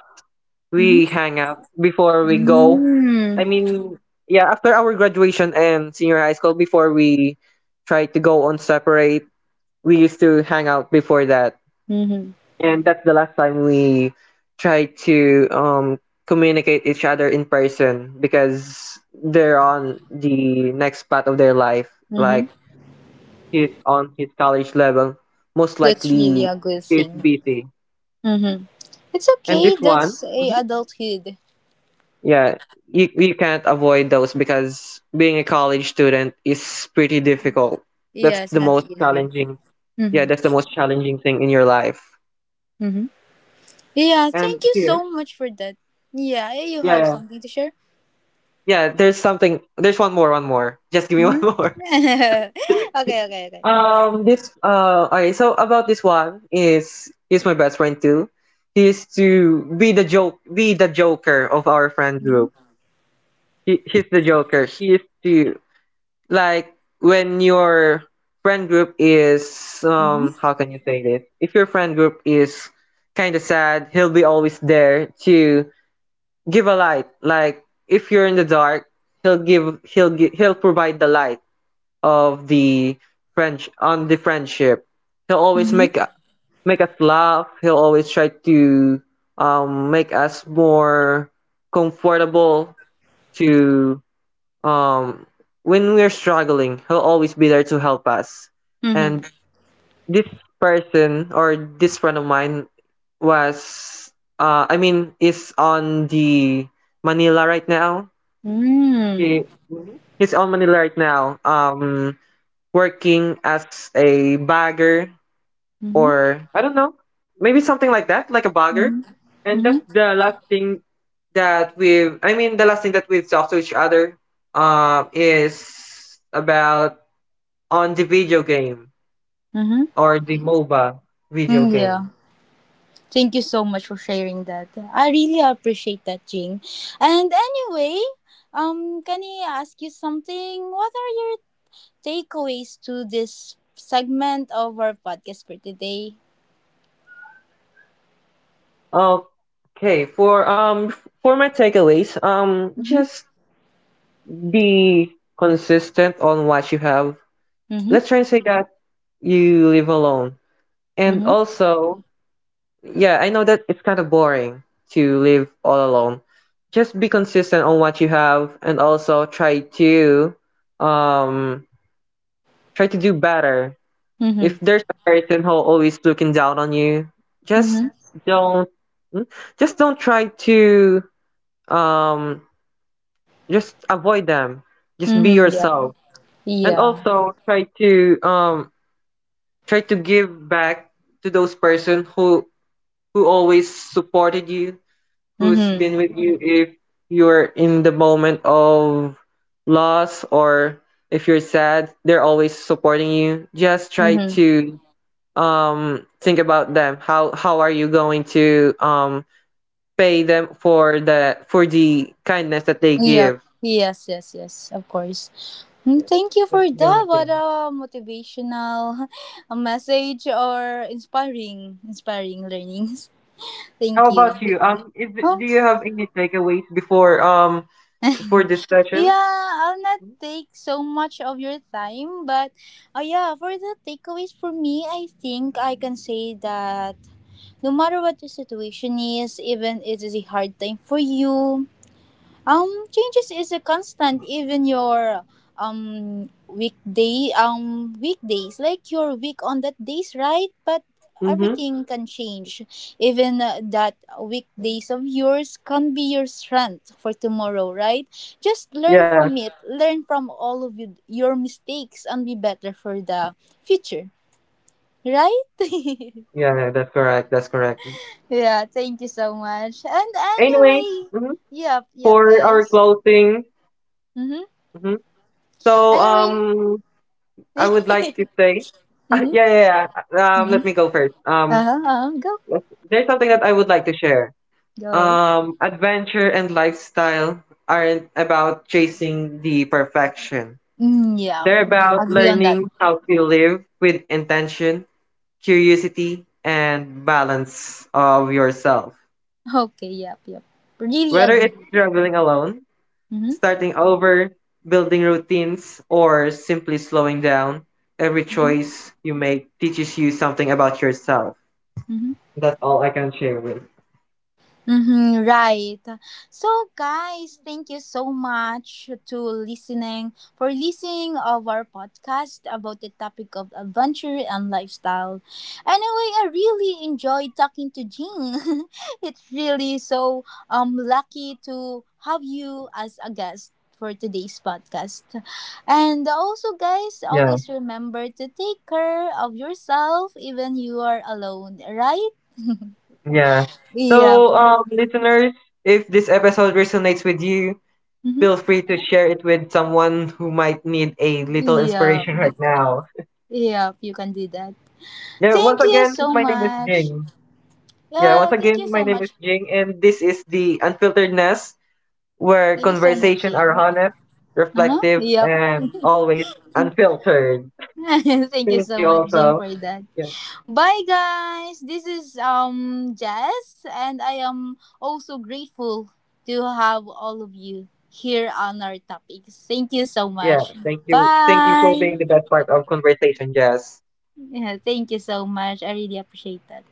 [SPEAKER 1] We
[SPEAKER 2] Mm-hmm.
[SPEAKER 1] hang out before we go.
[SPEAKER 2] Mm-hmm.
[SPEAKER 1] I mean, yeah, after our graduation and senior high school, before we tried to go on separate, we used to hang out before that.
[SPEAKER 2] Mm-hmm.
[SPEAKER 1] And that's the last time we tried to communicate each other in person because they're on the next path of their life.
[SPEAKER 2] Mm-hmm.
[SPEAKER 1] Like he's on his college level, most
[SPEAKER 2] That's really
[SPEAKER 1] likely
[SPEAKER 2] a good
[SPEAKER 1] he's
[SPEAKER 2] thing.
[SPEAKER 1] busy.
[SPEAKER 2] Mm-hmm. It's
[SPEAKER 1] And
[SPEAKER 2] okay.
[SPEAKER 1] this one,
[SPEAKER 2] That's a
[SPEAKER 1] Mhm.
[SPEAKER 2] adulthood.
[SPEAKER 1] yeah, you can't avoid those because being a college student is pretty difficult. That's
[SPEAKER 2] Yeah, it's
[SPEAKER 1] the
[SPEAKER 2] not
[SPEAKER 1] most
[SPEAKER 2] easy.
[SPEAKER 1] challenging. Yeah,
[SPEAKER 2] Mm-hmm.
[SPEAKER 1] that's the most challenging thing in your life.
[SPEAKER 2] Mm-hmm. Yeah, thank
[SPEAKER 1] And
[SPEAKER 2] you
[SPEAKER 1] here,
[SPEAKER 2] so much for that. Yeah, eh, you
[SPEAKER 1] yeah,
[SPEAKER 2] have
[SPEAKER 1] yeah.
[SPEAKER 2] something to share?
[SPEAKER 1] Yeah, there's something. There's one more. Just give me one more.
[SPEAKER 2] Mm-hmm. Okay, okay, okay.
[SPEAKER 1] This okay. So about this one is he's my best friend too. He is to be be the joker of our friend group.
[SPEAKER 2] Mm-hmm.
[SPEAKER 1] He's the joker. He is to like when your friend group is
[SPEAKER 2] Mm-hmm.
[SPEAKER 1] how can you say this? If your friend group is kind of sad, he'll be always there to give a light. Like if you're in the dark, he'll provide the light of the friend on the friendship. He'll always
[SPEAKER 2] Mm-hmm.
[SPEAKER 1] make us laugh. He'll always try to make us more comfortable to um when we're struggling, he'll always be there to help us. And
[SPEAKER 2] Mm-hmm.
[SPEAKER 1] this person or this friend of mine was I mean is on the manila right now.
[SPEAKER 2] Mm-hmm.
[SPEAKER 1] He, Mhm. He's on manila right now working as a bagger or I don't know, maybe something like that, like a bagger.
[SPEAKER 2] Mm-hmm. Mm-hmm.
[SPEAKER 1] And that's the last thing that we've I mean the last thing that we've talked to each other is about on the video game
[SPEAKER 2] Mm-hmm.
[SPEAKER 1] or the moba video
[SPEAKER 2] Mm, yeah.
[SPEAKER 1] game.
[SPEAKER 2] Thank you so much for sharing that. I really appreciate that, Jing. And anyway, can I ask you something? What are your takeaways to this segment of our podcast for today.
[SPEAKER 1] Okay, for my takeaways,
[SPEAKER 2] Mm-hmm.
[SPEAKER 1] just be consistent on what you have.
[SPEAKER 2] Mm-hmm.
[SPEAKER 1] Let's try and say that you live alone and
[SPEAKER 2] Mm-hmm.
[SPEAKER 1] also, yeah, I know that it's kind of boring to live all alone. Just be consistent on what you have and also try to um try to do better.
[SPEAKER 2] Mm-hmm.
[SPEAKER 1] If there's a person who always looking down on you, just
[SPEAKER 2] Mm-hmm.
[SPEAKER 1] don't mm, just don't try to um just avoid them. Just be
[SPEAKER 2] Mm-hmm. Yeah.
[SPEAKER 1] yourself. And
[SPEAKER 2] Yeah.
[SPEAKER 1] also try to try to give back to those person who always supported you, who's
[SPEAKER 2] Mm-hmm.
[SPEAKER 1] been with you if you're in the moment of loss or if you're sad, they're always supporting you. Just try
[SPEAKER 2] Mm-hmm.
[SPEAKER 1] to think about them. How are you going to pay them for the kindness that they
[SPEAKER 2] Yep.
[SPEAKER 1] give?
[SPEAKER 2] Yes, yes, yes. Of course.
[SPEAKER 1] Yeah,
[SPEAKER 2] Mm, thank you for
[SPEAKER 1] that's the only
[SPEAKER 2] that. What
[SPEAKER 1] thing.
[SPEAKER 2] a motivational a message or inspiring, inspiring learnings.
[SPEAKER 1] How
[SPEAKER 2] Thank you.
[SPEAKER 1] about you? Is
[SPEAKER 2] Oh.
[SPEAKER 1] do you have any takeaways before before this session?
[SPEAKER 2] Yeah, I'll not take so much of your time, but yeah, for the takeaways for me, I think I can say that no matter what the situation is, even it is a hard time for you, changes is a constant. Even your weekdays, like your week on that days, right? But
[SPEAKER 1] Mm-hmm.
[SPEAKER 2] everything can change. Even that weekdays of yours can be your strength for tomorrow, right? Just learn
[SPEAKER 1] Yeah,
[SPEAKER 2] from it. Learn from all of you, your mistakes and be better for the future, right?
[SPEAKER 1] yeah, that's correct. That's correct.
[SPEAKER 2] Yeah. Thank you so much. And
[SPEAKER 1] Anyway,
[SPEAKER 2] anyway,
[SPEAKER 1] mhm.
[SPEAKER 2] yep, yep,
[SPEAKER 1] for our
[SPEAKER 2] guys.
[SPEAKER 1] closing.
[SPEAKER 2] Mm-hmm.
[SPEAKER 1] Mhm. So
[SPEAKER 2] Anyway.
[SPEAKER 1] um, I would like
[SPEAKER 2] Mm-hmm.
[SPEAKER 1] to say, yeah, yeah, yeah.
[SPEAKER 2] Hmm.
[SPEAKER 1] Let me go first.
[SPEAKER 2] Uh-huh, uh-huh. Go.
[SPEAKER 1] There's something that I would like to share.
[SPEAKER 2] Go ahead.
[SPEAKER 1] Adventure and lifestyle aren't about chasing the perfection.
[SPEAKER 2] Mm, yeah.
[SPEAKER 1] They're about
[SPEAKER 2] Agree on that.
[SPEAKER 1] learning how to live with intention, curiosity, and balance of yourself.
[SPEAKER 2] Okay. Yep. Yep. Really
[SPEAKER 1] Whether
[SPEAKER 2] agree.
[SPEAKER 1] it's traveling alone,
[SPEAKER 2] Mm-hmm.
[SPEAKER 1] starting over, building routines, or simply slowing down, every choice you make teaches you something about yourself.
[SPEAKER 2] Mm-hmm.
[SPEAKER 1] That's all I can share with.
[SPEAKER 2] Mm-hmm, right. So, guys, thank you so much to listening for listening of our podcast about the topic of adventure and lifestyle. Anyway, I really enjoyed talking to Jean. It's really so lucky to have you as a guest for today's podcast. And also, guys,
[SPEAKER 1] Yeah,
[SPEAKER 2] always remember to take care of yourself even you are alone. Right?
[SPEAKER 1] yeah.
[SPEAKER 2] Yeah.
[SPEAKER 1] So, listeners, if this episode resonates with you,
[SPEAKER 2] Mm-hmm.
[SPEAKER 1] feel free to share it with someone who might need a little
[SPEAKER 2] Yeah.
[SPEAKER 1] inspiration right now.
[SPEAKER 2] Yeah, you can do that.
[SPEAKER 1] Yeah, once
[SPEAKER 2] Thank you
[SPEAKER 1] again,
[SPEAKER 2] so
[SPEAKER 1] my name is
[SPEAKER 2] much.
[SPEAKER 1] Jing. Yeah,
[SPEAKER 2] Yeah,
[SPEAKER 1] once
[SPEAKER 2] thank you
[SPEAKER 1] again, my
[SPEAKER 2] so
[SPEAKER 1] name is
[SPEAKER 2] much.
[SPEAKER 1] Jing, and this is the Unfiltered Nest, where
[SPEAKER 2] Thank you so much,
[SPEAKER 1] conversation are
[SPEAKER 2] Jing.
[SPEAKER 1] honest,
[SPEAKER 2] Uh-huh.
[SPEAKER 1] reflective,
[SPEAKER 2] Yep.
[SPEAKER 1] and always unfiltered.
[SPEAKER 2] Thank you
[SPEAKER 1] Thank
[SPEAKER 2] so
[SPEAKER 1] you
[SPEAKER 2] much, Jing,
[SPEAKER 1] also.
[SPEAKER 2] for that.
[SPEAKER 1] Yeah,
[SPEAKER 2] Bye guys. This is Jess and I am also grateful to have all of you here on our topics. Thank you so
[SPEAKER 1] yeah.
[SPEAKER 2] much.
[SPEAKER 1] Thank you. Thank you for
[SPEAKER 2] Bye.
[SPEAKER 1] being the best part of conversation, Jess.
[SPEAKER 2] Yeah, thank you so much. I really appreciate that.